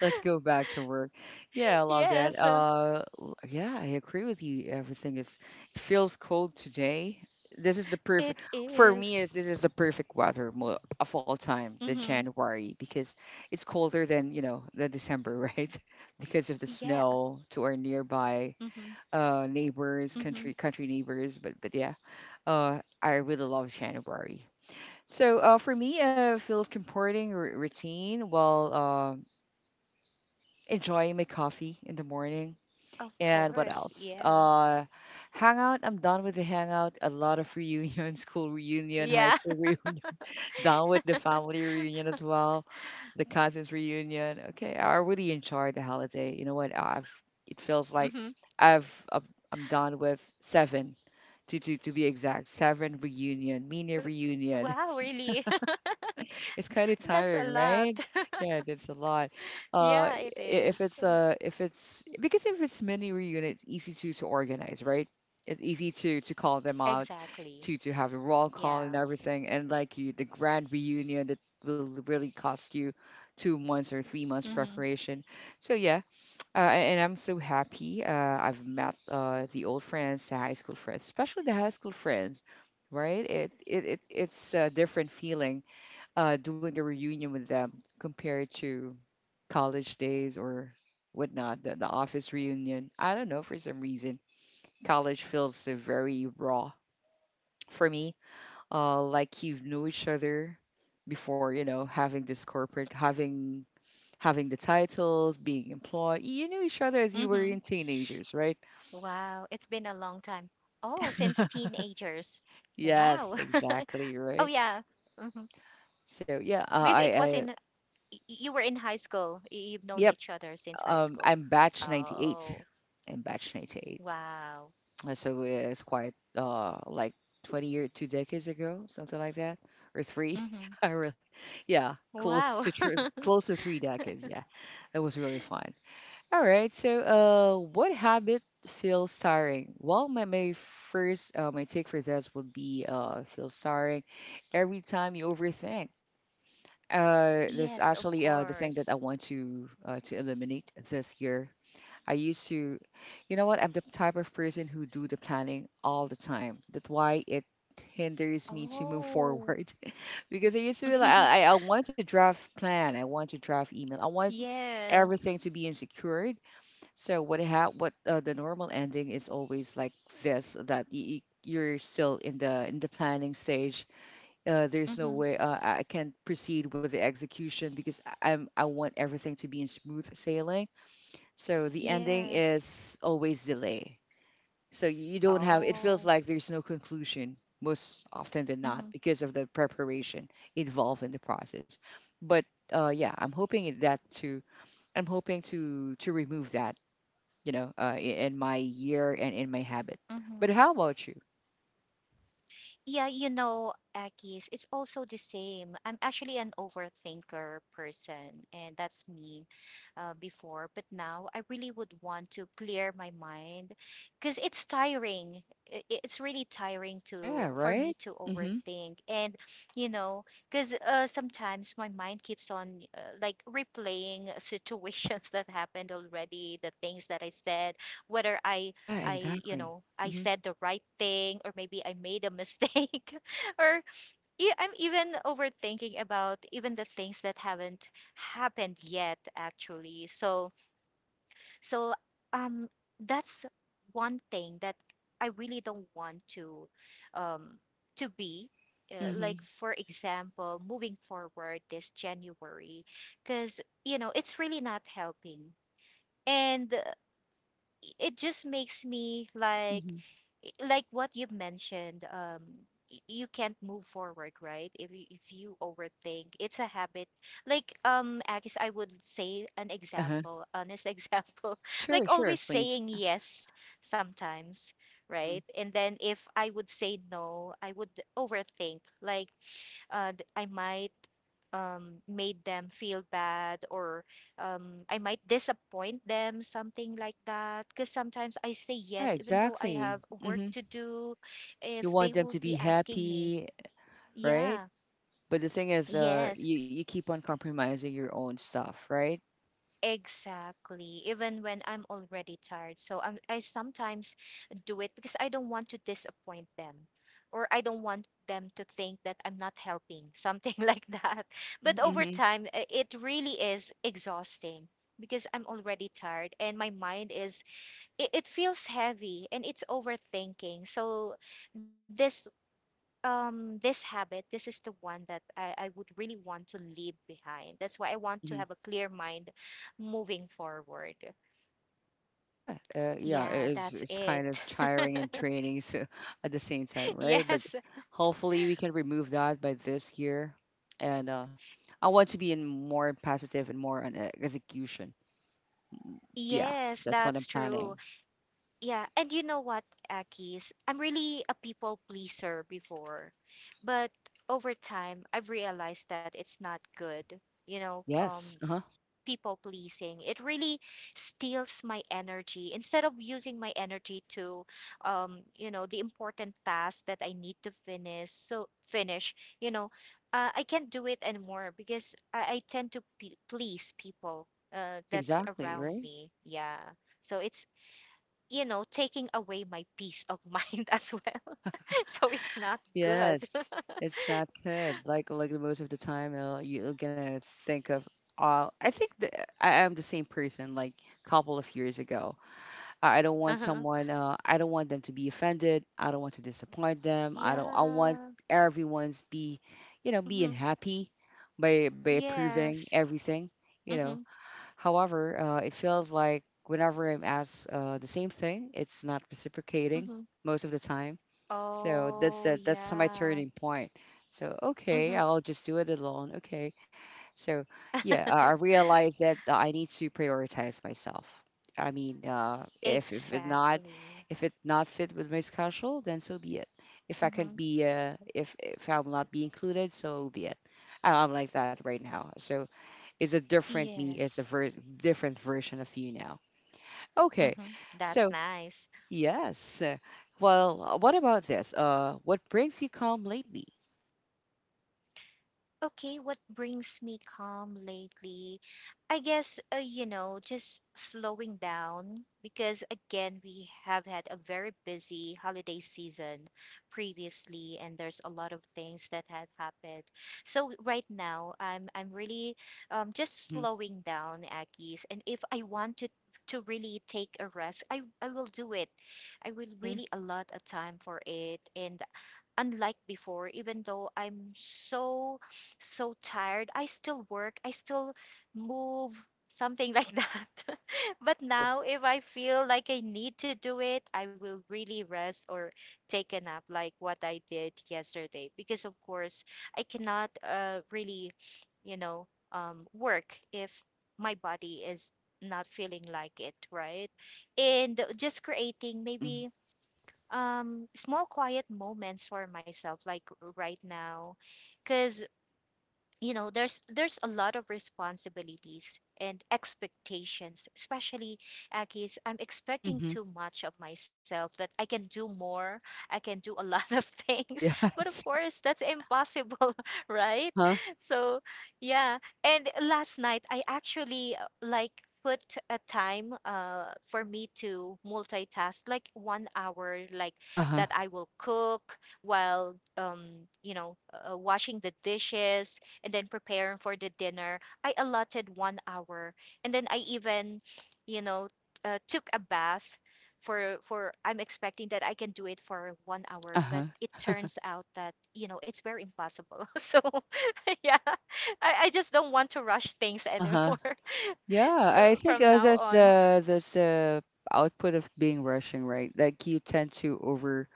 Speaker 1: Let's go back to work. Yeah, I love that.
Speaker 2: Yes,
Speaker 1: Yeah, I agree with you. Everything is it feels cold today. This is the perfect
Speaker 2: it
Speaker 1: for me.
Speaker 2: is.
Speaker 1: Is This is the perfect weather of all time, the
Speaker 2: Mm-hmm.
Speaker 1: January, because it's colder than you know the December, right? Because of the
Speaker 2: Yeah.
Speaker 1: snow to our nearby
Speaker 2: Mm-hmm.
Speaker 1: neighbors,
Speaker 2: Mm-hmm.
Speaker 1: country country neighbors. But yeah, I really love January. So for me, feels comforting routine. Well, enjoying my coffee in the morning.
Speaker 2: Of
Speaker 1: And what
Speaker 2: course.
Speaker 1: else?
Speaker 2: Yeah.
Speaker 1: Hangout. I'm done with the hangout. A lot of reunion, school reunion, high
Speaker 2: Yeah.
Speaker 1: school reunion. Done with the family reunion as well, the cousins reunion. Okay, I really enjoyed the holiday. You know what? I've
Speaker 2: Mm-hmm.
Speaker 1: It feels like I'm I'm done with seven, to be exact, seven reunion, mini
Speaker 2: Wow,
Speaker 1: reunion.
Speaker 2: really?
Speaker 1: It's kind of
Speaker 2: That's a
Speaker 1: tiring,
Speaker 2: lot.
Speaker 1: right? Yeah, that's a lot.
Speaker 2: Yeah, it
Speaker 1: Uh, i-
Speaker 2: is.
Speaker 1: if it's if it's because if it's mini reunion, it's easy to organize, right? It's easy to call them out,
Speaker 2: Exactly.
Speaker 1: to have a roll call
Speaker 2: Yeah.
Speaker 1: and everything, and like you, the grand reunion that will really cost you 2 months or 3 months
Speaker 2: Mm-hmm.
Speaker 1: preparation. So yeah, and I'm so happy. I've met the old friends, the high school friends, especially the high school friends, right? It's a different feeling doing a reunion with them compared to college days or whatnot, the office reunion. I don't know, for some reason, college feels very raw for me. Like you've knew each other before, you know, having this corporate, having the titles, being employed. You knew each other as you
Speaker 2: Mm-hmm.
Speaker 1: were in teenagers, right?
Speaker 2: Wow, it's been a long time. Oh, since teenagers. Wow.
Speaker 1: Yes, exactly,
Speaker 2: Oh
Speaker 1: right.
Speaker 2: yeah. hmm
Speaker 1: So yeah,
Speaker 2: Because it
Speaker 1: I,
Speaker 2: was in
Speaker 1: I,
Speaker 2: you were in high school. You've known each
Speaker 1: yep,
Speaker 2: other since high school.
Speaker 1: I'm batch
Speaker 2: Oh,
Speaker 1: 98. I'm batch 98.
Speaker 2: wow.
Speaker 1: So it's quite like 20 or two decades ago, something like that, or three.
Speaker 2: Mm-hmm.
Speaker 1: I really, yeah,
Speaker 2: Wow.
Speaker 1: close to close to three decades. Yeah, it was really fun. All right, so what habit feels tiring? Well, my take for this would be feels tiring every time you overthink. That's
Speaker 2: Yes, of
Speaker 1: actually the thing
Speaker 2: course.
Speaker 1: that I want to eliminate this year. I used to, you know what? I'm the type of person who do the planning all the time. That's why it hinders me to move
Speaker 2: Oh.
Speaker 1: forward because I used to be like, I, I I want to draft plan, I want to draft email, I want
Speaker 2: Yeah.
Speaker 1: everything to be insecured. So what ha- what the normal ending is always like this, that you're still in the planning stage. There's no
Speaker 2: Mm-hmm.
Speaker 1: way I can't proceed with the execution because I'm I want everything to be in smooth sailing, so the ending
Speaker 2: Yes.
Speaker 1: is always delay. So you don't have, it feels
Speaker 2: Oh.
Speaker 1: like there's no conclusion most often than not
Speaker 2: Mm-hmm.
Speaker 1: because of the preparation involved in the process. But yeah, I'm hoping to remove that, you know, in my year and in my habit. But
Speaker 2: Mm-hmm.
Speaker 1: how about you?
Speaker 2: Yeah, you know, Akis, it's also the same. I'm actually an overthinker person, and that's me before. But now I really would want to clear my mind because it's tiring. It's really tiring to
Speaker 1: Yeah,
Speaker 2: for me
Speaker 1: right?
Speaker 2: to
Speaker 1: Mm-hmm.
Speaker 2: overthink, and you know, because sometimes my mind keeps on like replaying situations that happened already, the things that I said, whether I
Speaker 1: Yeah,
Speaker 2: I, you
Speaker 1: exactly.
Speaker 2: know, I
Speaker 1: Mm-hmm.
Speaker 2: said the right thing or maybe I made a mistake or I'm even overthinking about even the things that haven't happened yet actually. So so um that's one thing that I really don't want um to be
Speaker 1: Mm-hmm.
Speaker 2: like for example moving forward this January because you know it's really not helping and it just makes me
Speaker 1: Mm-hmm.
Speaker 2: like what you've mentioned, you can't move forward, right? If you overthink, it's a habit. Like, I guess I would say an
Speaker 1: Uh-huh.
Speaker 2: example, honest example,
Speaker 1: Sure,
Speaker 2: like
Speaker 1: sure,
Speaker 2: always
Speaker 1: please.
Speaker 2: saying yes sometimes, right?
Speaker 1: Mm-hmm.
Speaker 2: And then if I would say no, I would overthink, like I might made them feel bad or I might disappoint them, something like that. Because sometimes I say
Speaker 1: Yeah,
Speaker 2: yes, even though I
Speaker 1: exactly.
Speaker 2: have work
Speaker 1: Mm-hmm.
Speaker 2: to do, if
Speaker 1: You
Speaker 2: they
Speaker 1: want them
Speaker 2: would
Speaker 1: to
Speaker 2: be
Speaker 1: be
Speaker 2: asking me,
Speaker 1: happy, right?
Speaker 2: yeah,
Speaker 1: But the thing is,
Speaker 2: yes.
Speaker 1: you you keep on compromising your own stuff, right?
Speaker 2: Exactly. Even when I'm already tired. So I sometimes do it because I don't want to disappoint them or I don't want them to think that I'm not helping, something like that. But
Speaker 1: Mm-hmm,
Speaker 2: over
Speaker 1: mm-hmm,
Speaker 2: time, it really is exhausting because I'm already tired and my mind is, it feels heavy and it's overthinking. So this this habit this is the one that I would really want to leave behind. That's why I want
Speaker 1: mm-hmm.
Speaker 2: to have a clear mind moving forward.
Speaker 1: Yeah, yeah, it
Speaker 2: Yeah,
Speaker 1: is,
Speaker 2: that's
Speaker 1: it's kind of
Speaker 2: it.
Speaker 1: tiring and training so at the same time, right? But
Speaker 2: Yes.
Speaker 1: hopefully we can remove that by this year, and I want to be in more positive and more on execution. Yeah,
Speaker 2: Yes,
Speaker 1: that's what I'm
Speaker 2: that's true.
Speaker 1: planning.
Speaker 2: Yeah, and you know what, Akis, I'm really a people pleaser before, but over time I've realized that it's not good, you know,
Speaker 1: Yes. Uh huh.
Speaker 2: people pleasing. It really steals my energy. Instead of using my energy to, you know, the important task that I need to finish, so finish, you know, I can't do it anymore because I tend to please people
Speaker 1: Mm-hmm.
Speaker 2: that's
Speaker 1: Exactly.
Speaker 2: around
Speaker 1: Right.
Speaker 2: me. Yeah. So it's, you know, taking away my peace of mind as well. So it's not good.
Speaker 1: Yes, it's not good. Like the most of the time, you're gonna think of all. I am the same person. Like a couple of years ago, I don't want
Speaker 2: Uh-huh.
Speaker 1: someone. I don't want them to be offended. I don't want to disappoint them. I don't. I want
Speaker 2: Yeah.
Speaker 1: everyone's be, you know, being
Speaker 2: hmm
Speaker 1: happy by approving
Speaker 2: Yes.
Speaker 1: everything. You know,
Speaker 2: Mm-hmm.
Speaker 1: however, it feels like whenever I'm asked the same thing, it's not reciprocating
Speaker 2: Mm-hmm.
Speaker 1: most of the time. So
Speaker 2: Oh,
Speaker 1: that's the, that's my
Speaker 2: yeah.
Speaker 1: turning point. So
Speaker 2: Mm-hmm.
Speaker 1: okay, I'll just do it alone. Okay. So yeah, I realize that I need to prioritize myself. I mean, if it not,
Speaker 2: Exactly.
Speaker 1: if it not fit with my schedule, then so be it. If I
Speaker 2: Mm-hmm.
Speaker 1: can be if I'm not be included, so be it. I'm like that right now. So is a different me, is
Speaker 2: Yes.
Speaker 1: a different version of you now. Okay,
Speaker 2: Mm-hmm. That's
Speaker 1: so
Speaker 2: nice.
Speaker 1: yes. Well, what about this? What brings you calm lately?
Speaker 2: Okay, what brings me calm lately? I guess, you know, just slowing down because, again, we have had a very busy holiday season previously, and there's a lot of things that had happened. So right now, I'm really just
Speaker 1: Mm-hmm.
Speaker 2: slowing down, Aggies, and if I want to really take a rest, I will do it. I will
Speaker 1: Mm-hmm.
Speaker 2: really allot a time for it, and unlike before, even though I'm so so tired I still work, I still move, something like that. But
Speaker 1: Oh.
Speaker 2: now if I feel like I need to do it, I will really rest or take a nap like what I did yesterday, because of course I cannot really, you know, work if my body is not feeling like it, right? And just creating maybe small quiet moments for myself like right now, because you know there's a lot of responsibilities and expectations, especially Akis, I'm expecting
Speaker 1: Mm-hmm.
Speaker 2: too much of myself, that I can do more, I can do a lot of things, but of
Speaker 1: Yes.
Speaker 2: course that's impossible, right?
Speaker 1: Uh-huh.
Speaker 2: So yeah, and last night I actually like put a time for me to multitask like 1 hour, like
Speaker 1: Uh-huh.
Speaker 2: that I will cook while you know, washing the dishes and then preparing for the dinner. I allotted 1 hour, and then I even, you know, took a bath. For I'm expecting that I can do it for 1 hour, but
Speaker 1: Uh-huh.
Speaker 2: it turns out that you know it's very impossible. So yeah, I just don't want to rush things
Speaker 1: Uh-huh.
Speaker 2: anymore.
Speaker 1: Yeah, I
Speaker 2: So
Speaker 1: think
Speaker 2: from now on,
Speaker 1: that's the output of being rushing, right? Like you tend to over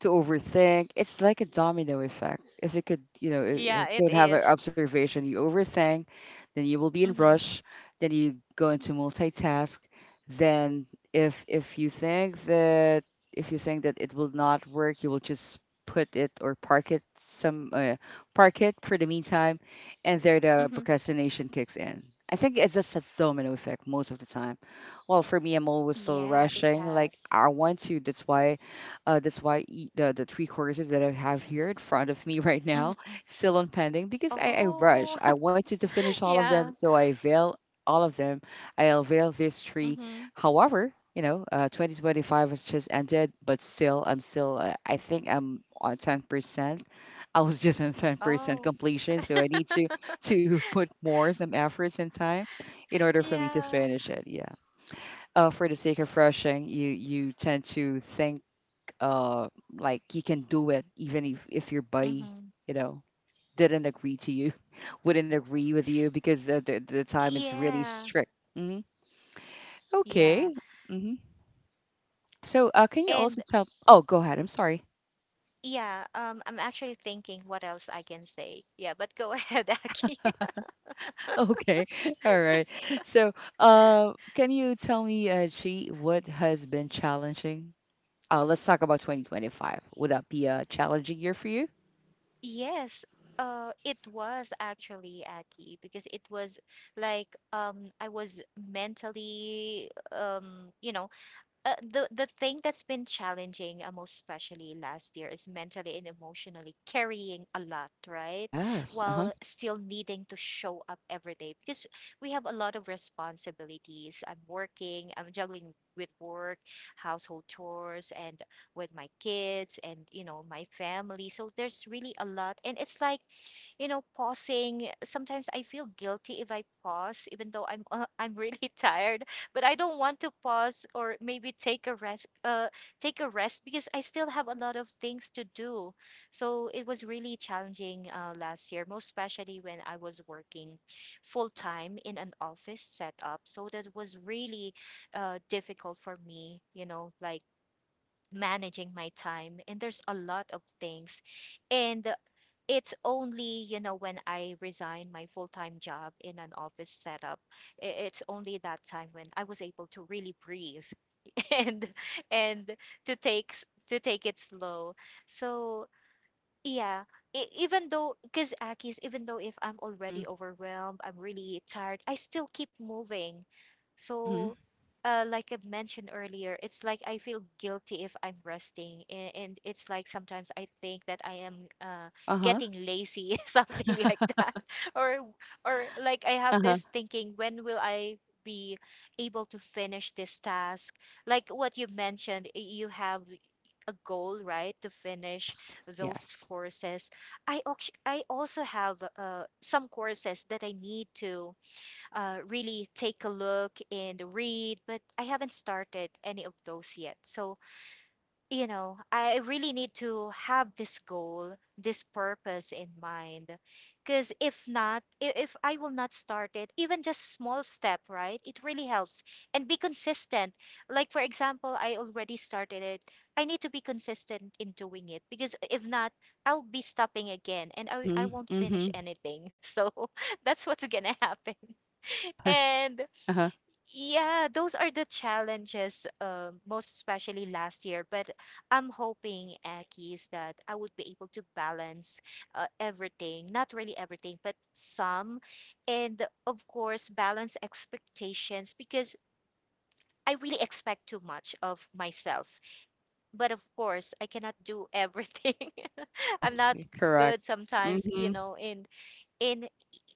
Speaker 1: to overthink. It's like a domino effect. If it could, you know, it
Speaker 2: yeah, it
Speaker 1: could have an
Speaker 2: is.
Speaker 1: observation. You overthink, then you will be in
Speaker 2: Mm-hmm.
Speaker 1: rush, then you go into multitask. Then if you think that if you think that it will not work, you will just put it or park it some park it for the meantime, and there the
Speaker 2: Mm-hmm.
Speaker 1: procrastination kicks in. I think it's just a domino effect most of the time. Well, for me, I'm always so
Speaker 2: Yeah, it
Speaker 1: rushing. Like
Speaker 2: has.
Speaker 1: I want to. That's why the three courses that I have here in front of me right
Speaker 2: Mm-hmm.
Speaker 1: now
Speaker 2: mm.
Speaker 1: still on pending because I
Speaker 2: Oh,
Speaker 1: rush. I wanted to finish all of
Speaker 2: yeah.
Speaker 1: them, so I avail all of them. I avail these three.
Speaker 2: Mm-hmm.
Speaker 1: However, 2025 has just ended, but still, I'm still. I think I'm on 10%. I was just on 10%
Speaker 2: Oh,
Speaker 1: completion, so I need to put more some efforts and time in order for me to
Speaker 2: yeah.
Speaker 1: finish it. Yeah, for the sake of rushing, you tend to think, uh like you can do it even if your buddy,
Speaker 2: Mm-hmm.
Speaker 1: you know didn't agree to you, wouldn't agree with you, because the time is really
Speaker 2: Yeah,
Speaker 1: strict. Hmm.
Speaker 2: yeah.
Speaker 1: Okay. Hmm. So can you
Speaker 2: And
Speaker 1: also tell, oh go ahead, I'm sorry.
Speaker 2: yeah, I'm actually thinking what else I can say. Yeah, but go ahead, Aki.
Speaker 1: Okay. All right. So can you tell me, she what has been challenging? Let's talk about 2025, would that be a challenging year for you?
Speaker 2: Yes, it was actually Aki because it was like I was mentally you know the thing that's been challenging most especially last year is mentally and emotionally carrying a lot, right,
Speaker 1: Yes. Uh-huh.
Speaker 2: while still needing to show up every day, because we have a lot of responsibilities, I'm working, I'm juggling with work, household chores, and with my kids and you know my family. So there's really a lot, and it's like you know, pausing, sometimes I feel guilty if I pause, even though I'm I'm really tired. But I don't want to pause or maybe take a rest, because I still have a lot of things to do. So it was really challenging last year, most especially when I was working full time in an office setup. So that was really difficult for me, you know, like managing my time, and there's a lot of things. And it's only you know when I resigned my full-time job in an office setup, it's only that time when I was able to really breathe and and to to take it slow. So yeah, even though, because Akis, even though if I'm
Speaker 1: Mm-hmm.
Speaker 2: already overwhelmed, I'm really tired, I still keep moving.
Speaker 1: Mm-hmm.
Speaker 2: So, like I mentioned earlier, it's like I feel guilty if I'm resting, and it's like sometimes I think that I am
Speaker 1: Uh-huh.
Speaker 2: getting lazy, something like that, or or like I have
Speaker 1: Uh-huh.
Speaker 2: this thinking, when will I be able to finish this task? Like what you mentioned, you have a goal, right, to finish
Speaker 1: Yes.
Speaker 2: those
Speaker 1: Yes.
Speaker 2: courses. I also have some courses that I need to really take a look and read, but I haven't started any of those yet. So, I really need to have this goal, this purpose in mind. Because if not, if I will not start it, even just small step, right? It really helps. And be consistent. Like, for example, I already started it. I need to be consistent in doing it because if not, I'll be stopping again and I
Speaker 1: Mhm,
Speaker 2: won't finish
Speaker 1: mhm.
Speaker 2: anything. So that's what's going to happen.
Speaker 1: Yes.
Speaker 2: And
Speaker 1: Uh-huh.
Speaker 2: yeah, those are the challenges, most especially last year. But I'm hoping, Aki, is that I would be able to balance everything, not really everything, but some. And of course, balance expectations because I really expect too much of myself. But of course, I cannot do everything. I'm
Speaker 1: Yes,
Speaker 2: not good
Speaker 1: correct.
Speaker 2: sometimes, you
Speaker 1: Mhm.
Speaker 2: know, in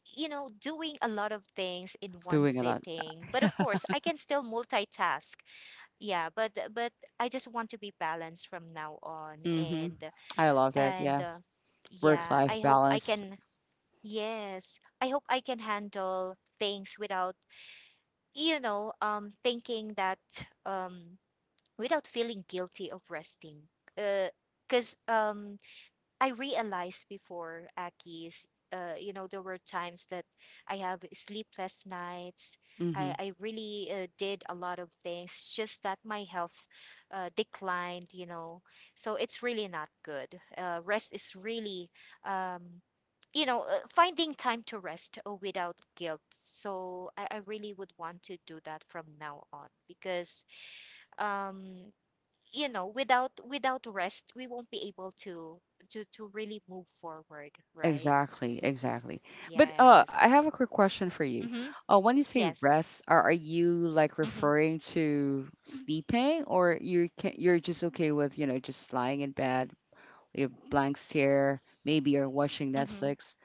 Speaker 2: doing a lot of things in one
Speaker 1: Doing a lot.
Speaker 2: sitting. But of course, I can still multitask, yeah, but I just want to be balanced from now on,
Speaker 1: Mhm.
Speaker 2: and
Speaker 1: I love that. Yeah.
Speaker 2: and uh, yeah
Speaker 1: Work-life
Speaker 2: I hope I
Speaker 1: balance.
Speaker 2: can yes, I hope I can handle things without thinking that, um without feeling guilty of resting, because I realized before, Aki's, there were times that I have sleepless nights. I,
Speaker 1: Mhm.
Speaker 2: I really did a lot of things, it's just that my health declined. So it's really not good. Rest is really, um, finding time to rest without guilt. So I really would want to do that from now on because um, without rest we won't be able to really move forward, right?
Speaker 1: Exactly, exactly. But
Speaker 2: Yes.
Speaker 1: I have a quick question for
Speaker 2: Mm-hmm.
Speaker 1: you. When you say
Speaker 2: Yes.
Speaker 1: rest, are you like
Speaker 2: Mm-hmm.
Speaker 1: referring to sleeping, or you can, you're just okay with, just lying in bed, you have blank stare, maybe you're watching
Speaker 2: Mm-hmm.
Speaker 1: Netflix?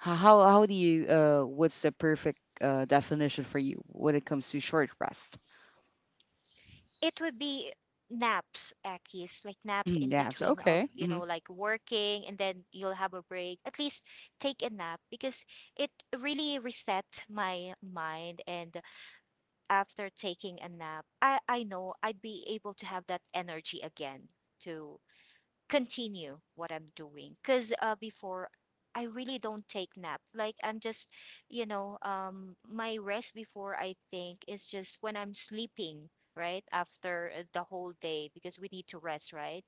Speaker 1: How do you, what's the perfect definition for you when it comes to short rest?
Speaker 2: It would be naps, Akis. Like naps in
Speaker 1: Mm-hmm, yeah. So
Speaker 2: between of
Speaker 1: okay. Mm-hmm.
Speaker 2: like working, and then you'll have a break. At least take a nap, because it really reset my mind. And after taking a nap, I know I'd be able to have that energy again to continue what I'm doing. Because before, I really don't take nap. Like I'm just, my rest before, I think, is just when I'm sleeping, right? After the whole day, because we need to rest, right?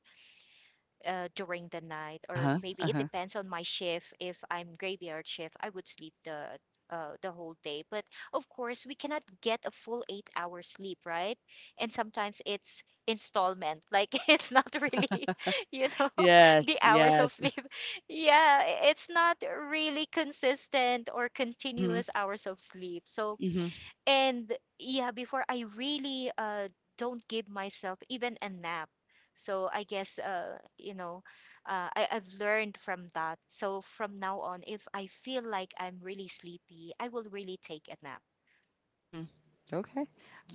Speaker 2: During the night, or
Speaker 1: Uh-huh.
Speaker 2: maybe it
Speaker 1: Uh-huh.
Speaker 2: depends on my shift. If I'm graveyard shift, I would sleep the whole day. But of course, we cannot get a full 8-hour sleep, right? And sometimes it's installment, like, it's not really, you know,
Speaker 1: Yes.
Speaker 2: the hours of
Speaker 1: Yes.
Speaker 2: sleep. Yeah, it's not really consistent or
Speaker 1: Mm-hmm.
Speaker 2: continuous hours of sleep. So,
Speaker 1: Mm-hmm.
Speaker 2: and yeah, before I really don't give myself even a nap. So I guess, I've learned from that. So from now on, if I feel like I'm really sleepy, I will really take a nap.
Speaker 1: Mm-hmm. Okay.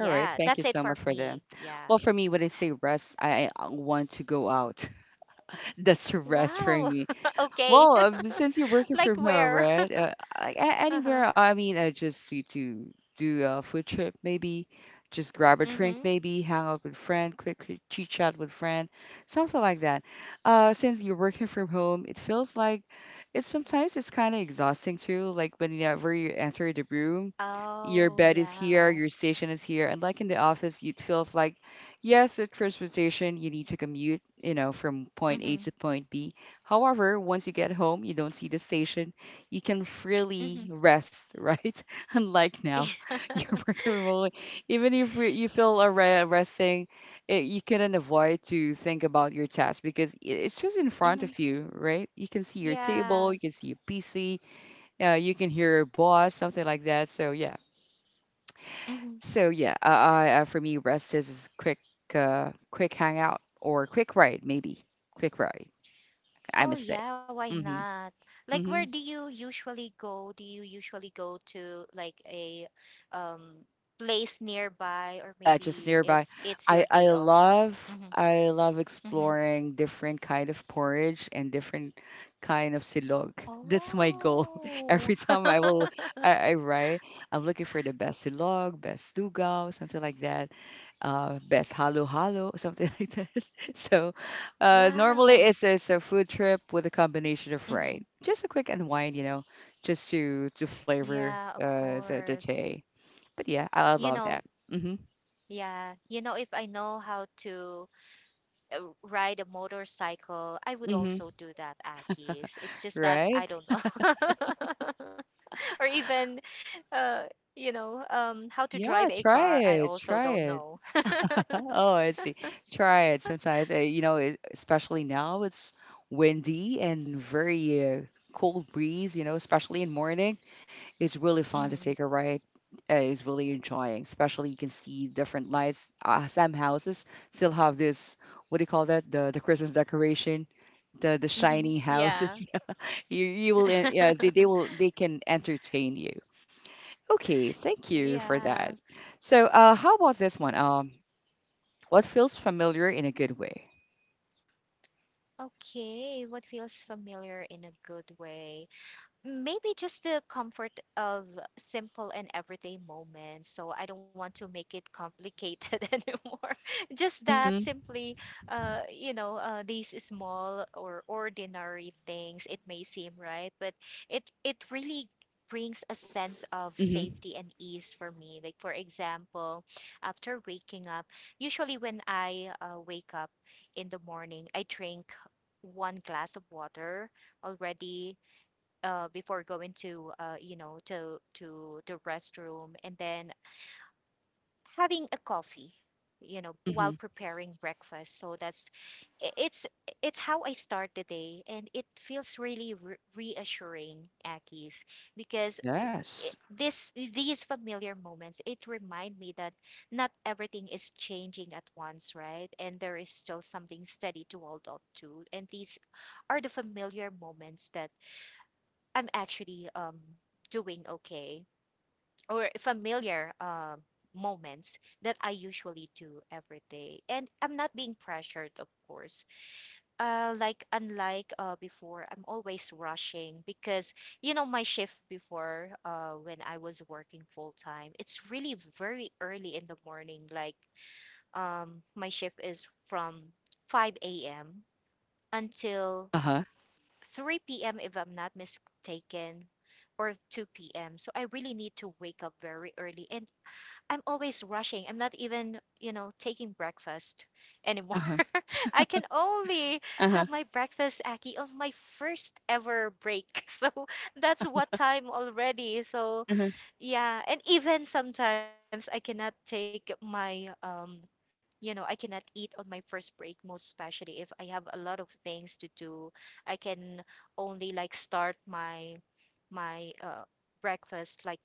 Speaker 1: All right. Thank you
Speaker 2: that's it
Speaker 1: so much
Speaker 2: for
Speaker 1: for that.
Speaker 2: me. Yeah.
Speaker 1: Well, for me, when I say rest, I want to go out. That's a rest for
Speaker 2: Wow.
Speaker 1: me.
Speaker 2: Okay.
Speaker 1: Well, since you're working
Speaker 2: Like
Speaker 1: from home,
Speaker 2: where?
Speaker 1: right?
Speaker 2: Uh-huh.
Speaker 1: Anywhere, I mean, I just need to do a food trip, maybe. Just grab a drink,
Speaker 2: Mm-hmm.
Speaker 1: maybe. Hang out with friend, quick chit chat with friend, something like that. Since you're working from home, it feels like, it's sometimes it's kind of exhausting too. Like whenever you enter the room, your
Speaker 2: Oh,
Speaker 1: bed is here,
Speaker 2: yeah.
Speaker 1: your station is here, and like in the office, it feels like, yes, at transportation, you need to commute, from point A
Speaker 2: Mm-hmm.
Speaker 1: to point B. However, once you get home, you don't see the station. You can freely
Speaker 2: Mm-hmm.
Speaker 1: rest, right? Unlike now,
Speaker 2: Yeah.
Speaker 1: you're working remotely. Even if you feel resting, you couldn't avoid to think about your task because it's just in front
Speaker 2: Mm-hmm.
Speaker 1: of you, right? You can see your table,
Speaker 2: Yeah.
Speaker 1: you can see your PC, you can hear your boss, something like that. So yeah,
Speaker 2: Mm-hmm.
Speaker 1: so yeah, I, I for me, rest is quick, quick hangout or quick ride, maybe quick ride. I
Speaker 2: Oh
Speaker 1: must say.
Speaker 2: yeah, why not?
Speaker 1: Mm-hmm.
Speaker 2: Like where do
Speaker 1: Mm-hmm.
Speaker 2: you usually go? Do you usually go to like a um place nearby, or
Speaker 1: Yeah, just
Speaker 2: maybe if
Speaker 1: nearby.
Speaker 2: it's
Speaker 1: i
Speaker 2: your
Speaker 1: i
Speaker 2: day off?
Speaker 1: love
Speaker 2: Mm-hmm.
Speaker 1: i love
Speaker 2: Mm-hmm.
Speaker 1: exploring different kind of porridge and different kind of silog. That's my goal.
Speaker 2: Oh.
Speaker 1: Every time I write, I'm looking for the best silog, best lugaw, something like that. Best halo halo, something like that. So, normally
Speaker 2: Wow.
Speaker 1: it's a food trip with a combination of, right,
Speaker 2: Mm-hmm.
Speaker 1: just a quick unwind, just to flavor
Speaker 2: Yeah, of
Speaker 1: the
Speaker 2: course.
Speaker 1: day. But yeah, I
Speaker 2: You
Speaker 1: love
Speaker 2: know,
Speaker 1: that. Hmm.
Speaker 2: yeah, if I know how to ride a motorcycle, I would also
Speaker 1: Mm-hmm.
Speaker 2: do that, Akis. It's just that
Speaker 1: Right?
Speaker 2: I don't know. Or even, uh how to drive
Speaker 1: Yeah,
Speaker 2: a car,
Speaker 1: try
Speaker 2: I
Speaker 1: it.
Speaker 2: also
Speaker 1: Try
Speaker 2: don't
Speaker 1: it.
Speaker 2: know.
Speaker 1: Oh, I see. Try it. Sometimes, especially now it's windy and very, cold breeze, especially in morning. It's really fun to
Speaker 2: Hmm.
Speaker 1: take a ride. It's really enjoying, especially you can see different lights. Some houses still have this, what do you call that? The Christmas decoration, the
Speaker 2: Hmm.
Speaker 1: shiny
Speaker 2: Yeah.
Speaker 1: houses. You will, yeah, they can entertain you. Okay, thank you for
Speaker 2: Yeah.
Speaker 1: that. So, how about this one? What feels familiar in a good way?
Speaker 2: Okay, what feels familiar in a good way? Maybe just the comfort of simple and everyday moments. So I don't want to make it complicated anymore. Just that
Speaker 1: Mm-hmm.
Speaker 2: simply, these small or ordinary things. It may seem right, but it really brings a sense of
Speaker 1: Mm-hmm.
Speaker 2: safety and ease for me. Like for example, after waking up, usually when I wake up in the morning, I drink one glass of water already, before going to the restroom, and then having a coffee, while
Speaker 1: Mm-hmm.
Speaker 2: preparing breakfast. So that's i- it's it's how I start the day, and it feels really reassuring, Akis, because
Speaker 1: Yes.
Speaker 2: it, this these familiar moments, it remind me that not everything is changing at once, right? And there is still something steady to hold on to. And these are the familiar moments that I'm actually, doing okay, or familiar moments that I usually do every day. And I'm not being pressured, of course. Unlike before, I'm always rushing because my shift before, when I was working full time, it's really very early in the morning. Like my shift is from 5 a.m. until
Speaker 1: Uh-huh.
Speaker 2: 3 p.m., if I'm not mistaken, or 2 p.m. So I really need to wake up very early. And I'm always rushing. I'm not even, taking breakfast anymore.
Speaker 1: Uh-huh.
Speaker 2: I can only
Speaker 1: Uh-huh.
Speaker 2: have my breakfast, Aki, on my first ever break. So that's what time already. So
Speaker 1: Uh-huh.
Speaker 2: yeah, and even sometimes I cannot take my, I cannot eat on my first break, most especially if I have a lot of things to do. I can only like start my my uh breakfast, like,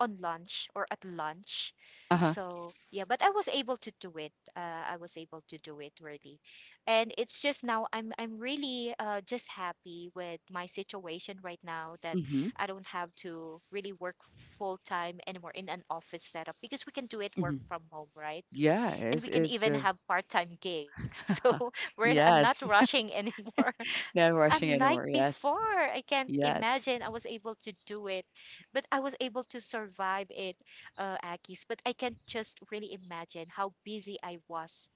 Speaker 2: on lunch or at lunch.
Speaker 1: Uh-huh.
Speaker 2: So yeah, but I was able to do it. I was able to do it really. And it's just now, I'm really just happy with my situation right now, that
Speaker 1: Mm-hmm.
Speaker 2: I don't have to really work full time anymore in an office setup, because we can do
Speaker 1: Mm-hmm.
Speaker 2: it work from home, right?
Speaker 1: Yeah,
Speaker 2: And we
Speaker 1: it's
Speaker 2: can even have part time gigs. So we're I'm not
Speaker 1: yes.
Speaker 2: rushing anymore.
Speaker 1: Not rushing
Speaker 2: Unlike
Speaker 1: anymore. Yes.
Speaker 2: before, I can't
Speaker 1: Yes.
Speaker 2: imagine I was able to do it, but I was able to survive it, Akis. But I can't just really imagine how busy I was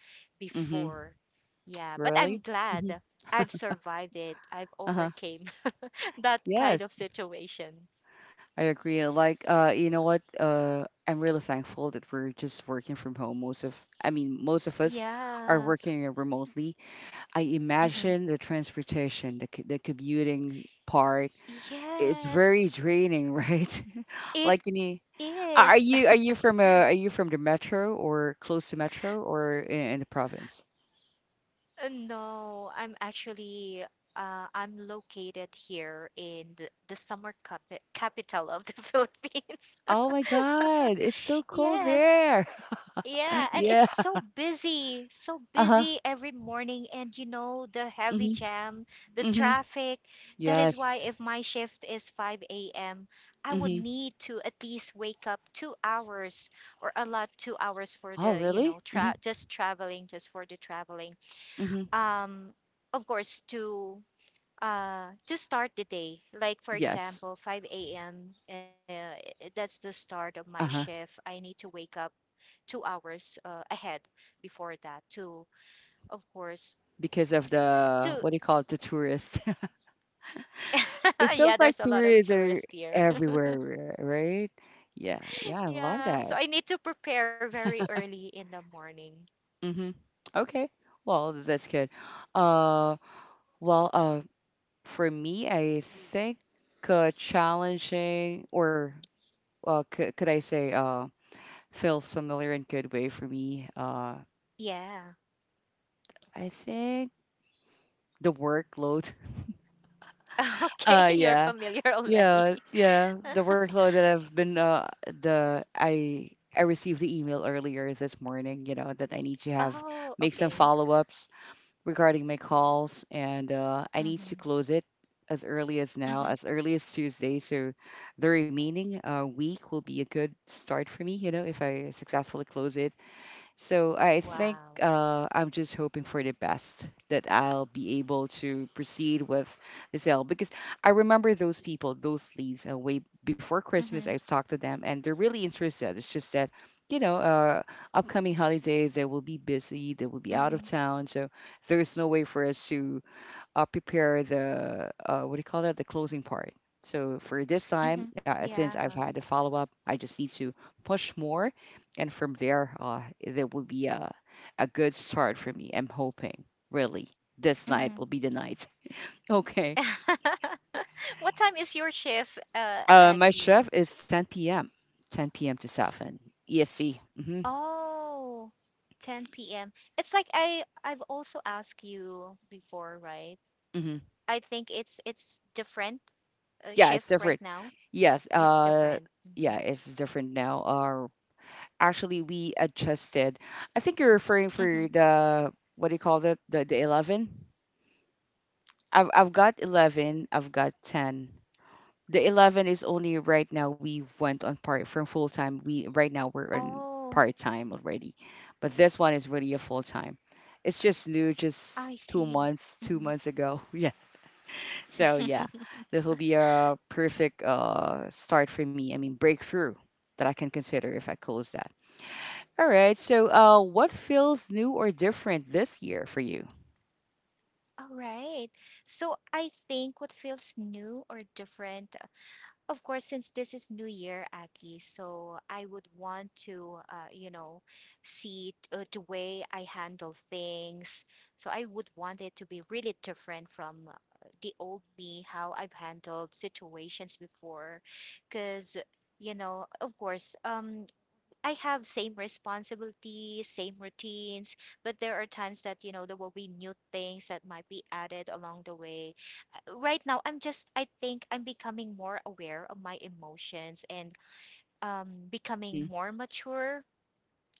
Speaker 1: Mm-hmm.
Speaker 2: before. Yeah, but I'm
Speaker 1: Really? Mm-hmm.
Speaker 2: glad I've survived it. I've
Speaker 1: Uh-huh.
Speaker 2: overcame that kind of
Speaker 1: Yes.
Speaker 2: situation.
Speaker 1: I agree. Like, you know what? I'm really thankful that we're just working from home. Most of, I mean, most of us are
Speaker 2: Yeah.
Speaker 1: working remotely. I
Speaker 2: Hmm.
Speaker 1: imagine the transportation, the commuting part is
Speaker 2: Yes,
Speaker 1: very draining, right?
Speaker 2: it
Speaker 1: Like you need, are
Speaker 2: is.
Speaker 1: you, are you from a are you from the metro, or close to metro, or in the province?
Speaker 2: No, I'm located here in the summer capital of the Philippines.
Speaker 1: Oh my God, it's so cold
Speaker 2: Yes,
Speaker 1: there.
Speaker 2: yeah, and
Speaker 1: Yeah.
Speaker 2: it's so
Speaker 1: Uh-huh.
Speaker 2: busy every morning, and the heavy
Speaker 1: Mhm.
Speaker 2: jam, the
Speaker 1: Mhm.
Speaker 2: traffic. That is why
Speaker 1: Yes.
Speaker 2: if my shift is 5 a.m., I would
Speaker 1: Mhm.
Speaker 2: need to at least wake up 2 hours or a lot 2 hours for
Speaker 1: Oh,
Speaker 2: the, you
Speaker 1: really?
Speaker 2: know, tra
Speaker 1: Mhm.
Speaker 2: just traveling, just for the traveling.
Speaker 1: Mhm.
Speaker 2: Um, of course, to start the day, like for
Speaker 1: Yes.
Speaker 2: example 5 a.m, that's the start of my
Speaker 1: Uh-huh.
Speaker 2: shift. I need to wake up 2 hours ahead before that, to of course,
Speaker 1: Because of the,
Speaker 2: to.
Speaker 1: what do you call it, the tourists. It
Speaker 2: Yeah,
Speaker 1: feels like
Speaker 2: there's a lot of
Speaker 1: tourists are
Speaker 2: tourists here.
Speaker 1: everywhere, right? Yeah, yeah, I love
Speaker 2: Yeah, so
Speaker 1: that.
Speaker 2: I need to prepare very early in the morning.
Speaker 1: Mm-hmm. Okay, well, that's good. Uh, well, for me, I think, challenging, or well, could I say, feels familiar in good way for me.
Speaker 2: Yeah.
Speaker 1: I think the workload.
Speaker 2: Okay,
Speaker 1: Uh,
Speaker 2: you're
Speaker 1: yeah,
Speaker 2: familiar already.
Speaker 1: Yeah, yeah. The workload that I've been, the I received the email earlier this morning, you know, that I need to have,
Speaker 2: Oh,
Speaker 1: make some
Speaker 2: okay.
Speaker 1: follow-ups regarding my calls, and I need to
Speaker 2: Mm-hmm.
Speaker 1: close it as early as now,
Speaker 2: Mm-hmm.
Speaker 1: as early as Tuesday. So the remaining week will be a good start for me, you know, if I successfully close it. So I think,
Speaker 2: Wow.
Speaker 1: I'm just hoping for the best that I'll be able to proceed with the sale, because I remember those people, those leads, way before Christmas.
Speaker 2: Mm-hmm.
Speaker 1: I've talked to them and they're really interested. It's just that, you know, uh, upcoming holidays, they will be busy, they will be
Speaker 2: Mm-hmm.
Speaker 1: out of town. So there's no way for us to, prepare the, what do you call that, the closing part. So for this
Speaker 2: Mm-hmm.
Speaker 1: time, since I've
Speaker 2: Yeah.
Speaker 1: had the follow-up, I just need to push more, and from there, there will be a good start for me, I'm hoping. Really, this
Speaker 2: Mm-hmm.
Speaker 1: night will be the night. Okay.
Speaker 2: What time is your shift,
Speaker 1: My
Speaker 2: Aki?
Speaker 1: shift is 10 p.m, to 7 esc. Mm-hmm,
Speaker 2: Oh, 10 p.m. It's like I've also asked you before, right?
Speaker 1: mm-hmm.
Speaker 2: I think it's different
Speaker 1: Yeah, it's
Speaker 2: shift right
Speaker 1: different,
Speaker 2: now.
Speaker 1: yes.
Speaker 2: It's different.
Speaker 1: Yeah,
Speaker 2: Hmm.
Speaker 1: it's different now. Actually we adjusted. I think you're referring
Speaker 2: Hmm.
Speaker 1: for the, what do you call that? The 11. I've got 11. I've got ten. The 11 is only right now. We went on part from full time. We right now we're on
Speaker 2: Oh,
Speaker 1: part time already, but this one is really a full time. It's just new, just
Speaker 2: I see.
Speaker 1: two
Speaker 2: Hmm.
Speaker 1: months ago. Yeah. So yeah, this will be a perfect start for me. I mean, breakthrough that I can consider if I close that. All right. So, what feels new or different this year for you?
Speaker 2: All right. So I think what feels new or different, of course, since this is New Year, Aki, so I would want to, see the way I handle things. So I would want it to be really different from, the old me, how I've handled situations before. Because, of course, I have same responsibilities, same routines, but there are times that, there will be new things that might be added along the way. Right now, I think I'm becoming more aware of my emotions and becoming
Speaker 1: Hmm.
Speaker 2: more mature,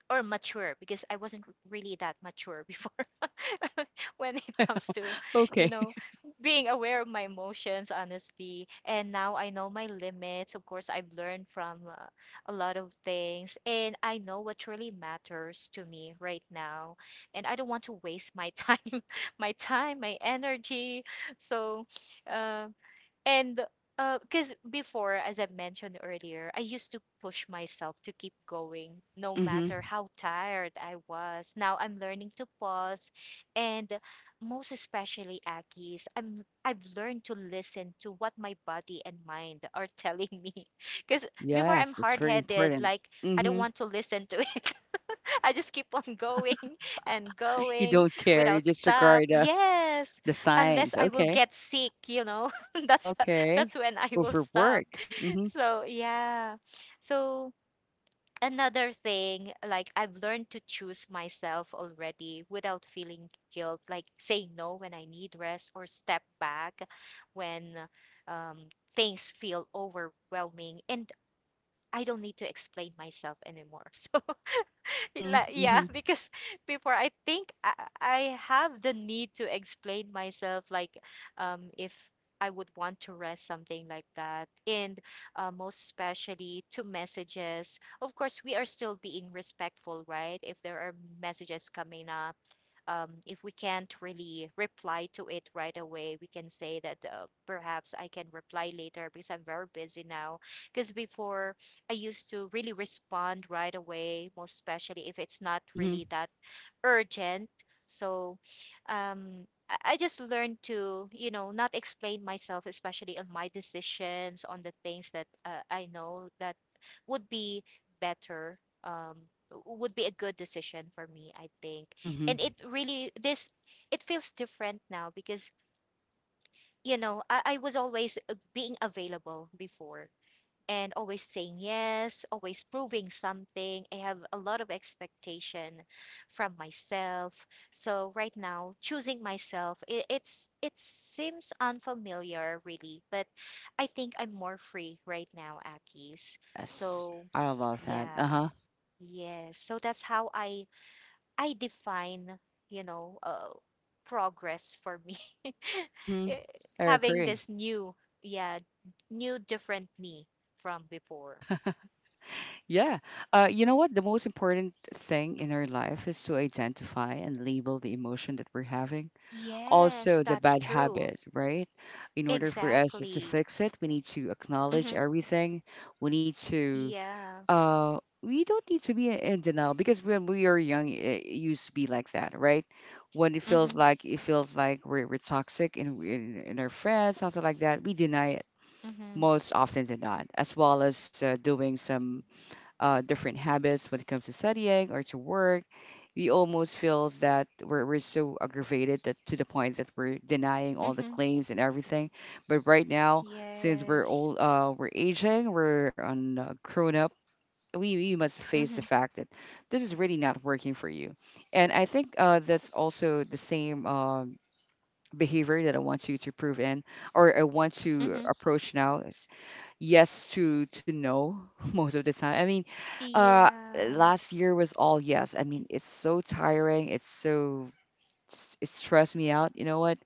Speaker 2: or mature, because I wasn't really that mature before, when it comes to, you
Speaker 1: Okay.
Speaker 2: know being aware of my emotions, honestly. And now I know my limits. Of course, I've learned from, a lot of things, and I know what truly matters to me right now. And I don't want to waste my time, my time, my energy. So, um and because before, as I mentioned earlier, I used to push myself to keep going no
Speaker 1: Hmm.
Speaker 2: matter how tired I was. Now I'm learning to pause. And most especially, Akis, I've learned to listen to what my body and mind are telling me. Because before I'm
Speaker 1: Yes, it's
Speaker 2: hard
Speaker 1: very
Speaker 2: headed,
Speaker 1: important.
Speaker 2: like I don't
Speaker 1: Hmm.
Speaker 2: want to listen to it. I just keep on going and
Speaker 1: You
Speaker 2: going
Speaker 1: don't care. You
Speaker 2: without stop.
Speaker 1: disregard,
Speaker 2: Yes,
Speaker 1: the
Speaker 2: unless
Speaker 1: signs.
Speaker 2: I will
Speaker 1: Okay.
Speaker 2: get sick, you know. that's
Speaker 1: Okay.
Speaker 2: that's when I will stop.
Speaker 1: Overwork. Hmm.
Speaker 2: So, yeah. So, another thing, like I've learned to choose myself already without feeling guilt, like say no when I need rest or step back when um, things feel overwhelming. And I don't need to explain myself anymore.
Speaker 1: Hmm.
Speaker 2: Yeah,
Speaker 1: Hmm.
Speaker 2: because before I think I have the need to explain myself, like if I would want to rest, something like that. And most especially to messages. Of course, we are still being respectful, right? If there are messages coming up if we can't really reply to it right away, we can say that perhaps I can reply later because I'm very busy now. Because before, I used to really respond right away, most especially if it's not
Speaker 1: Hmm.
Speaker 2: really that urgent. So I just learned to, you know, not explain myself, especially on my decisions, on the things that I know that would be better, um, would be a good decision for me, I think.
Speaker 1: Hmm.
Speaker 2: And it really, this, it feels different now because, you know, I was always being available before and always saying yes, always proving something. I have a lot of expectation from myself. So right now, choosing myself, it seems unfamiliar really, but I think I'm more free right now, Akis.
Speaker 1: Yes,
Speaker 2: So
Speaker 1: I love that. Uh
Speaker 2: yeah,
Speaker 1: huh.
Speaker 2: yes. So that's how I define, you know, progress for me.
Speaker 1: Hmm. I
Speaker 2: Having
Speaker 1: agree.
Speaker 2: this new, yeah, new different me from before.
Speaker 1: Yeah. You know what? The most important thing in our life is to identify and label the emotion that we're having,
Speaker 2: Yes,
Speaker 1: also the
Speaker 2: that's
Speaker 1: bad
Speaker 2: true.
Speaker 1: habit, right? In order for us to
Speaker 2: Exactly.
Speaker 1: fix it, we need to acknowledge
Speaker 2: Mm-hmm.
Speaker 1: everything. We need to,
Speaker 2: Yeah.
Speaker 1: we don't need to be in denial because when we are young, it used to be like that, right? When
Speaker 2: Mm-hmm.
Speaker 1: it feels like we're toxic in our friends, something like that, we deny it
Speaker 2: Mm-hmm.
Speaker 1: most often than not, as well as doing some, different habits when it comes to studying or to work. We almost feels that we're so aggravated, that to the point that we're denying all the
Speaker 2: Mm-hmm.
Speaker 1: claims and everything. But right now, since we're
Speaker 2: Yes.
Speaker 1: old, we're aging, we're on, grown up. We must face
Speaker 2: Mm-hmm.
Speaker 1: the fact that this is really not working for you. And I think, that's also the same behavior that I want you to prove in, or I want to
Speaker 2: Mm-hmm.
Speaker 1: approach now, yes to no. Most of the time. I mean, uh,
Speaker 2: Yeah.
Speaker 1: last year was all yes. I mean, it's so tiring. It's so it stressed me out. You know what?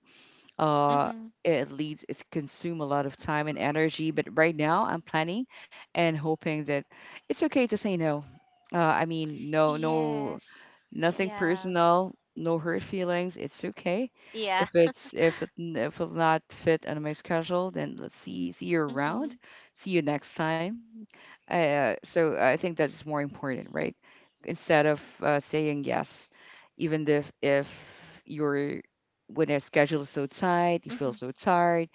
Speaker 1: Uh,
Speaker 2: Mm-hmm.
Speaker 1: it leads it consume a lot of time and energy. But right now, I'm planning and hoping that it's okay to say no. I mean, no, no.
Speaker 2: Yes.
Speaker 1: Nothing
Speaker 2: Yeah.
Speaker 1: personal, no hurt feelings. It's okay.
Speaker 2: Yeah.
Speaker 1: If it's if it n- if it'll not fit on my schedule, then let's see you around.
Speaker 2: Mm-hmm.
Speaker 1: See you next time. So I think that's more important, right? Instead of, saying yes, even if you're when a schedule is so tight, you
Speaker 2: Mm-hmm.
Speaker 1: feel so tired,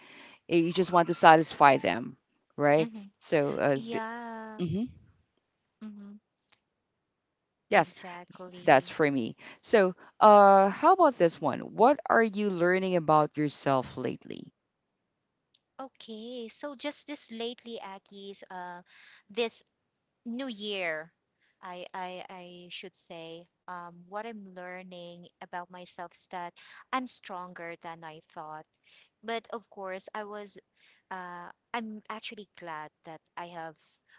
Speaker 1: eh, you just want to satisfy them, right?
Speaker 2: Mm-hmm.
Speaker 1: So, the,
Speaker 2: Yeah. Mm-hmm.
Speaker 1: Yes, that's
Speaker 2: Exactly.
Speaker 1: for me. So, how about this one? What are you learning about yourself lately?
Speaker 2: Okay, so just this lately, Aki's, this new year I should say what I'm learning about myself is that I'm stronger than I thought. But of course, I was I'm actually glad that I have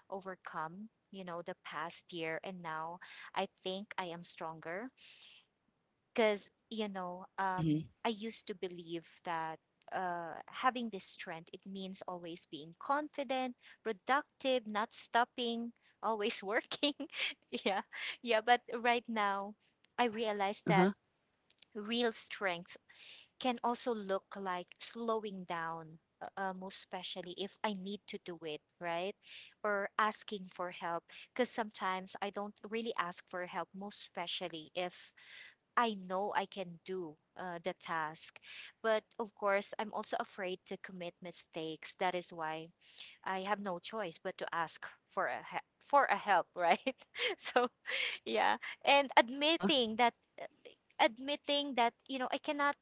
Speaker 2: overcome, you know, the past year, and now I think I am stronger because you know
Speaker 1: Mm-hmm.
Speaker 2: I used to believe that having this strength it means always being confident productive not stopping always working yeah yeah but right now I
Speaker 1: Yeah.
Speaker 2: realize that
Speaker 1: Uh-huh.
Speaker 2: real strength can also look like slowing down most especially if I need to do it right or asking for help because sometimes I don't really ask for help most especially if I know I can do the task. But of course, I'm also afraid to commit mistakes. That is why I have no choice but to ask for a for a help, right? So, yeah, and
Speaker 1: Uh-huh.
Speaker 2: uh, admitting that, you know, I cannot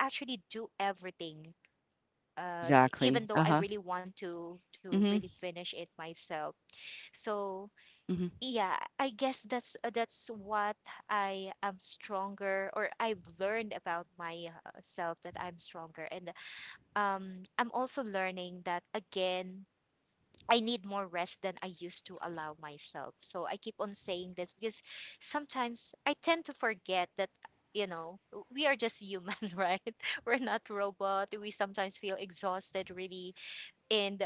Speaker 2: actually do everything. Uh, even
Speaker 1: Exactly.
Speaker 2: though I
Speaker 1: Uh-huh.
Speaker 2: really want to
Speaker 1: Mm-hmm.
Speaker 2: really finish it myself. So
Speaker 1: Mm-hmm.
Speaker 2: yeah, I guess that's what I am stronger or I've learned about myself that I'm stronger and I'm also learning that again I need more rest than I used to allow myself. So I keep on saying this because sometimes I tend to forget that you know we are just human, right? We're not robot. We sometimes feel exhausted really and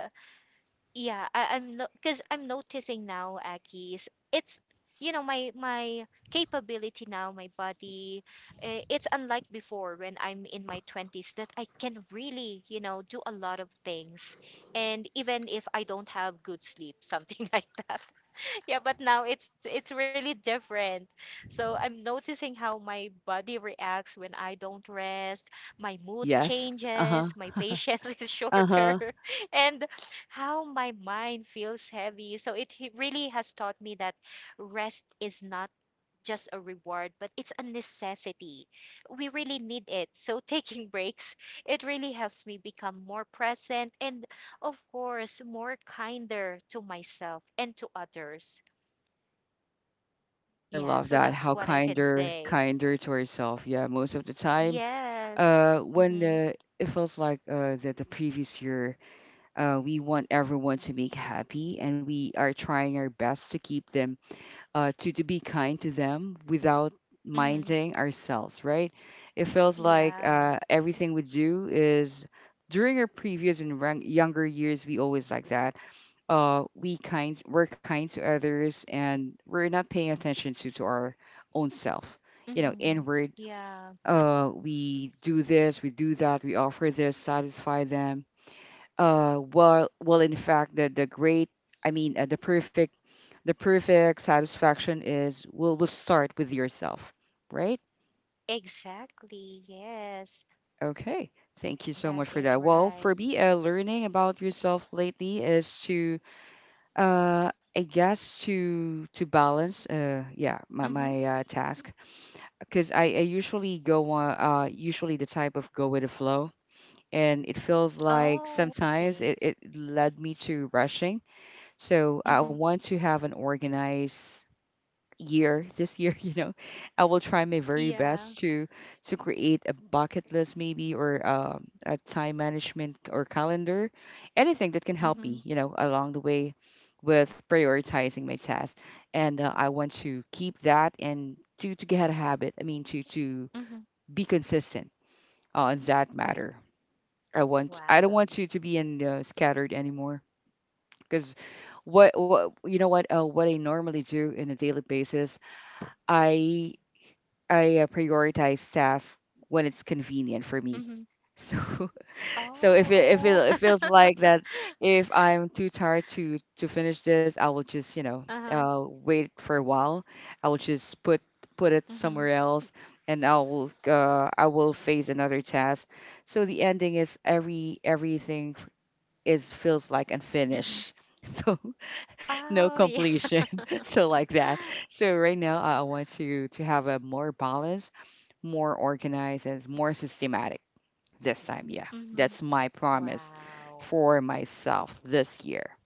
Speaker 2: yeah, I, I'm no, because I'm noticing now, Aki, is it's you know my capability now, my body, it's unlike before when I'm in my 20s that I can really you know do a lot of things, and even if I don't have good sleep, something like that. Yeah, but now it's really different. So I'm noticing how my body reacts when I don't rest. My mood
Speaker 1: Yes.
Speaker 2: changes,
Speaker 1: Uh-huh.
Speaker 2: my patience is shorter,
Speaker 1: Uh-huh.
Speaker 2: and how my mind feels heavy. So it really has taught me that rest is not just a reward, but it's a necessity. We really need it. So taking breaks, it really helps me become more present and of course more kinder to myself and to others.
Speaker 1: I
Speaker 2: Yeah,
Speaker 1: love
Speaker 2: so
Speaker 1: that.
Speaker 2: that's
Speaker 1: How
Speaker 2: what I can
Speaker 1: kinder,
Speaker 2: say.
Speaker 1: kinder to herself. Yeah, most of the time,
Speaker 2: Yes.
Speaker 1: when
Speaker 2: Mhm.
Speaker 1: it feels like that the previous year, we want everyone to be happy, and we are trying our best to keep them to be kind to them without
Speaker 2: Mhm.
Speaker 1: minding ourselves, right? It feels like
Speaker 2: Yeah.
Speaker 1: everything we do is during our previous younger years, we always like that. We're kind to others, and we're not paying attention to our own self. You know,
Speaker 2: Mhm.
Speaker 1: inward.
Speaker 2: Yeah.
Speaker 1: We do this, we do that, we offer this, satisfy them in fact the great I mean the perfect satisfaction is will start with yourself, right?
Speaker 2: Exactly. Yes.
Speaker 1: Okay, thank you so much
Speaker 2: That
Speaker 1: for that.
Speaker 2: is
Speaker 1: Well, for
Speaker 2: right.
Speaker 1: me, learning about yourself lately is to to balance my,
Speaker 2: Mhm.
Speaker 1: my uh, task, because I usually go on usually the type of go with the flow, and it feels like
Speaker 2: Oh,
Speaker 1: sometimes
Speaker 2: okay.
Speaker 1: it led me to rushing. So I
Speaker 2: Mhm.
Speaker 1: want to have an organized year this year, you know. I will try my very best
Speaker 2: Yeah.
Speaker 1: to create a bucket list, maybe, or a time management or calendar, anything that can help me,
Speaker 2: Mhm.
Speaker 1: you know, along the way with prioritizing my tasks. And I want to keep that and to get a habit. To
Speaker 2: Mhm.
Speaker 1: be consistent on that matter. I don't
Speaker 2: Wow.
Speaker 1: want to be in scattered anymore. Because what you know what I normally do in a daily basis, I I prioritize tasks when it's convenient for
Speaker 2: Mhm.
Speaker 1: me. So
Speaker 2: Oh,
Speaker 1: so
Speaker 2: oh.
Speaker 1: if it, it feels like that if I'm too tired to finish this, I will just, you know,
Speaker 2: Uh-huh.
Speaker 1: wait for a while. I will just put it
Speaker 2: Mhm.
Speaker 1: somewhere else, and I will face another task. So the ending is everything is feels like
Speaker 2: Mhm.
Speaker 1: unfinished. So no
Speaker 2: Oh, yeah.
Speaker 1: completion. So like that. So right now I want to have a more balance, more organized, and more systematic this time, yeah.
Speaker 2: Mhm.
Speaker 1: That's my promise
Speaker 2: Wow.
Speaker 1: for myself this year.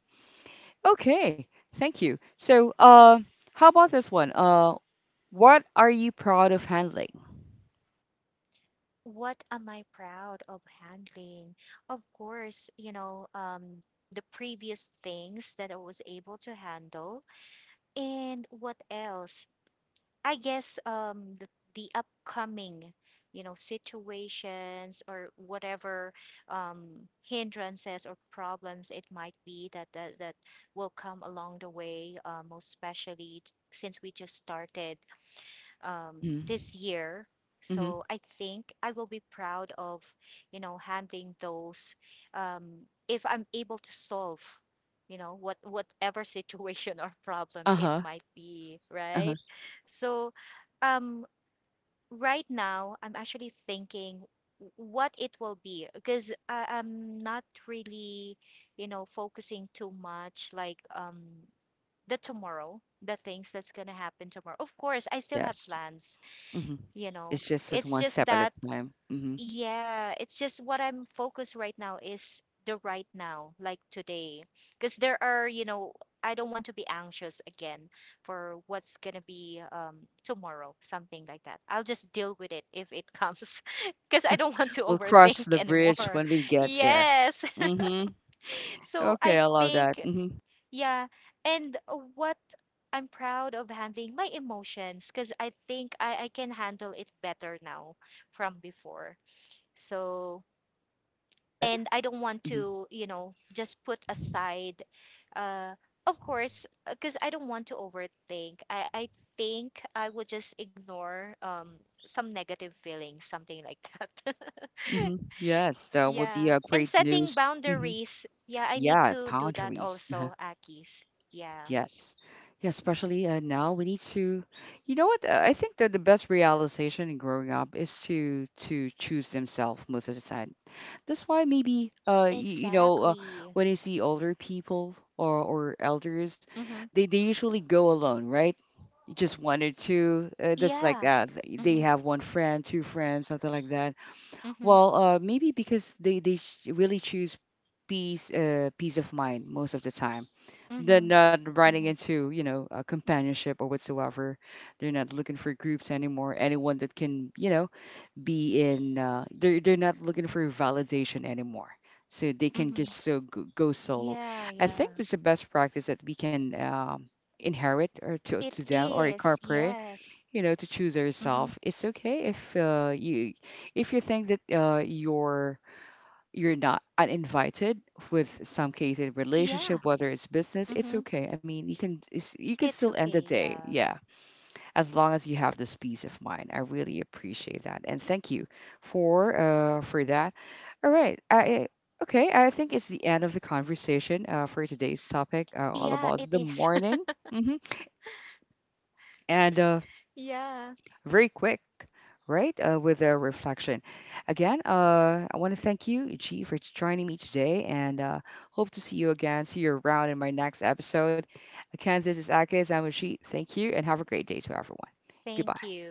Speaker 1: Okay, thank you. How about this one? What are you proud of handling?
Speaker 2: What am I proud of handling? Of course, you know, the previous things that I was able to handle. And what else? I guess the upcoming, you know, situations or whatever um, hindrances or problems it might be that will come along the way, most especially since we just started
Speaker 1: Mm-hmm.
Speaker 2: this year.
Speaker 1: Mm-hmm.
Speaker 2: So I think I will be proud of, you know, handling those if I'm able to solve, you know, what whatever situation or problem it
Speaker 1: Uh-huh.
Speaker 2: might be,
Speaker 1: Uh-huh.
Speaker 2: right? So um, right now I'm actually thinking what it will be because I'm not really, you know, focusing too much like the tomorrow, the things that's gonna
Speaker 1: Yeah.
Speaker 2: happen tomorrow. Of course, I still have
Speaker 1: Yes.
Speaker 2: plans
Speaker 1: Mm-hmm.
Speaker 2: you know
Speaker 1: It's just that,
Speaker 2: it's
Speaker 1: one
Speaker 2: just
Speaker 1: step at a
Speaker 2: that
Speaker 1: time. Hmm.
Speaker 2: yeah it's just what I'm focused right now is the right now like today because there are you know I don't want to be anxious again for what's gonna be tomorrow something like that I'll just deal with it if it comes because I don't want to
Speaker 1: We'll cross
Speaker 2: overthink
Speaker 1: the bridge
Speaker 2: anymore
Speaker 1: when we get there.
Speaker 2: yes
Speaker 1: Hmm.
Speaker 2: so I
Speaker 1: Okay, I love that.
Speaker 2: think
Speaker 1: Hmm.
Speaker 2: yeah, and what I'm proud of handling my emotions because I think I can handle it better now from before. So,
Speaker 1: Yeah.
Speaker 2: and I don't want
Speaker 1: Hmm.
Speaker 2: to, you know, just put aside, uh, of course, because I don't want to overthink. I think I would just ignore some negative feelings, something like that.
Speaker 1: Hmm. Yes, that would be
Speaker 2: Yeah.
Speaker 1: a
Speaker 2: And
Speaker 1: great
Speaker 2: setting
Speaker 1: news. Hmm.
Speaker 2: boundaries. Yeah, I need
Speaker 1: Yeah,
Speaker 2: to do that
Speaker 1: boundaries.
Speaker 2: also, Akis. Yeah.
Speaker 1: Yes. Yeah, especially now we need to, you know what? I think that the best realization in growing up is to choose themselves most of the time. That's why maybe you know,
Speaker 2: Exactly.
Speaker 1: when you see older people or elders,
Speaker 2: Mm-hmm.
Speaker 1: they usually go alone, right? Just one or two.
Speaker 2: Yeah.
Speaker 1: That's like
Speaker 2: Mm-hmm.
Speaker 1: they have one friend, two friends, something like that.
Speaker 2: Mm-hmm.
Speaker 1: Well, maybe because really choose peace, peace of mind most of the time.
Speaker 2: Mm-hmm.
Speaker 1: They're not running
Speaker 2: Mm-hmm.
Speaker 1: into, you know, a companionship or whatsoever. They're not looking for groups anymore. Anyone that can, you know, be in. They're not looking for validation anymore. So they
Speaker 2: Hmm.
Speaker 1: can just so go
Speaker 2: Yeah,
Speaker 1: solo.
Speaker 2: yeah.
Speaker 1: I think that's the best practice that we can inherit or
Speaker 2: It
Speaker 1: to to them or
Speaker 2: is.
Speaker 1: incorporate,
Speaker 2: Yes.
Speaker 1: you know, to choose
Speaker 2: Mm-hmm.
Speaker 1: yourself. It's okay if you, if you think that you're not uninvited with some case in
Speaker 2: Yeah.
Speaker 1: relationship, whether it's business,
Speaker 2: Mm-hmm.
Speaker 1: it's okay. I mean, you can, you can
Speaker 2: It's
Speaker 1: still
Speaker 2: okay.
Speaker 1: end the day,
Speaker 2: Yeah.
Speaker 1: yeah, as long as you have this peace of mind. I really appreciate that, and thank you for that. All right I Okay, I think it's the end of the conversation, for today's topic
Speaker 2: Yeah,
Speaker 1: all
Speaker 2: it
Speaker 1: about the
Speaker 2: is.
Speaker 1: morning. Hmm. And uh,
Speaker 2: Yeah.
Speaker 1: very quick, right? With a reflection. Again, I want to thank you, Ichi, for joining me today, and hope to see you again, see you around in my next episode. Again, this is Akis. I'm Ichi. Thank you, and have a great day to everyone.
Speaker 2: Thank
Speaker 1: Goodbye.
Speaker 2: you.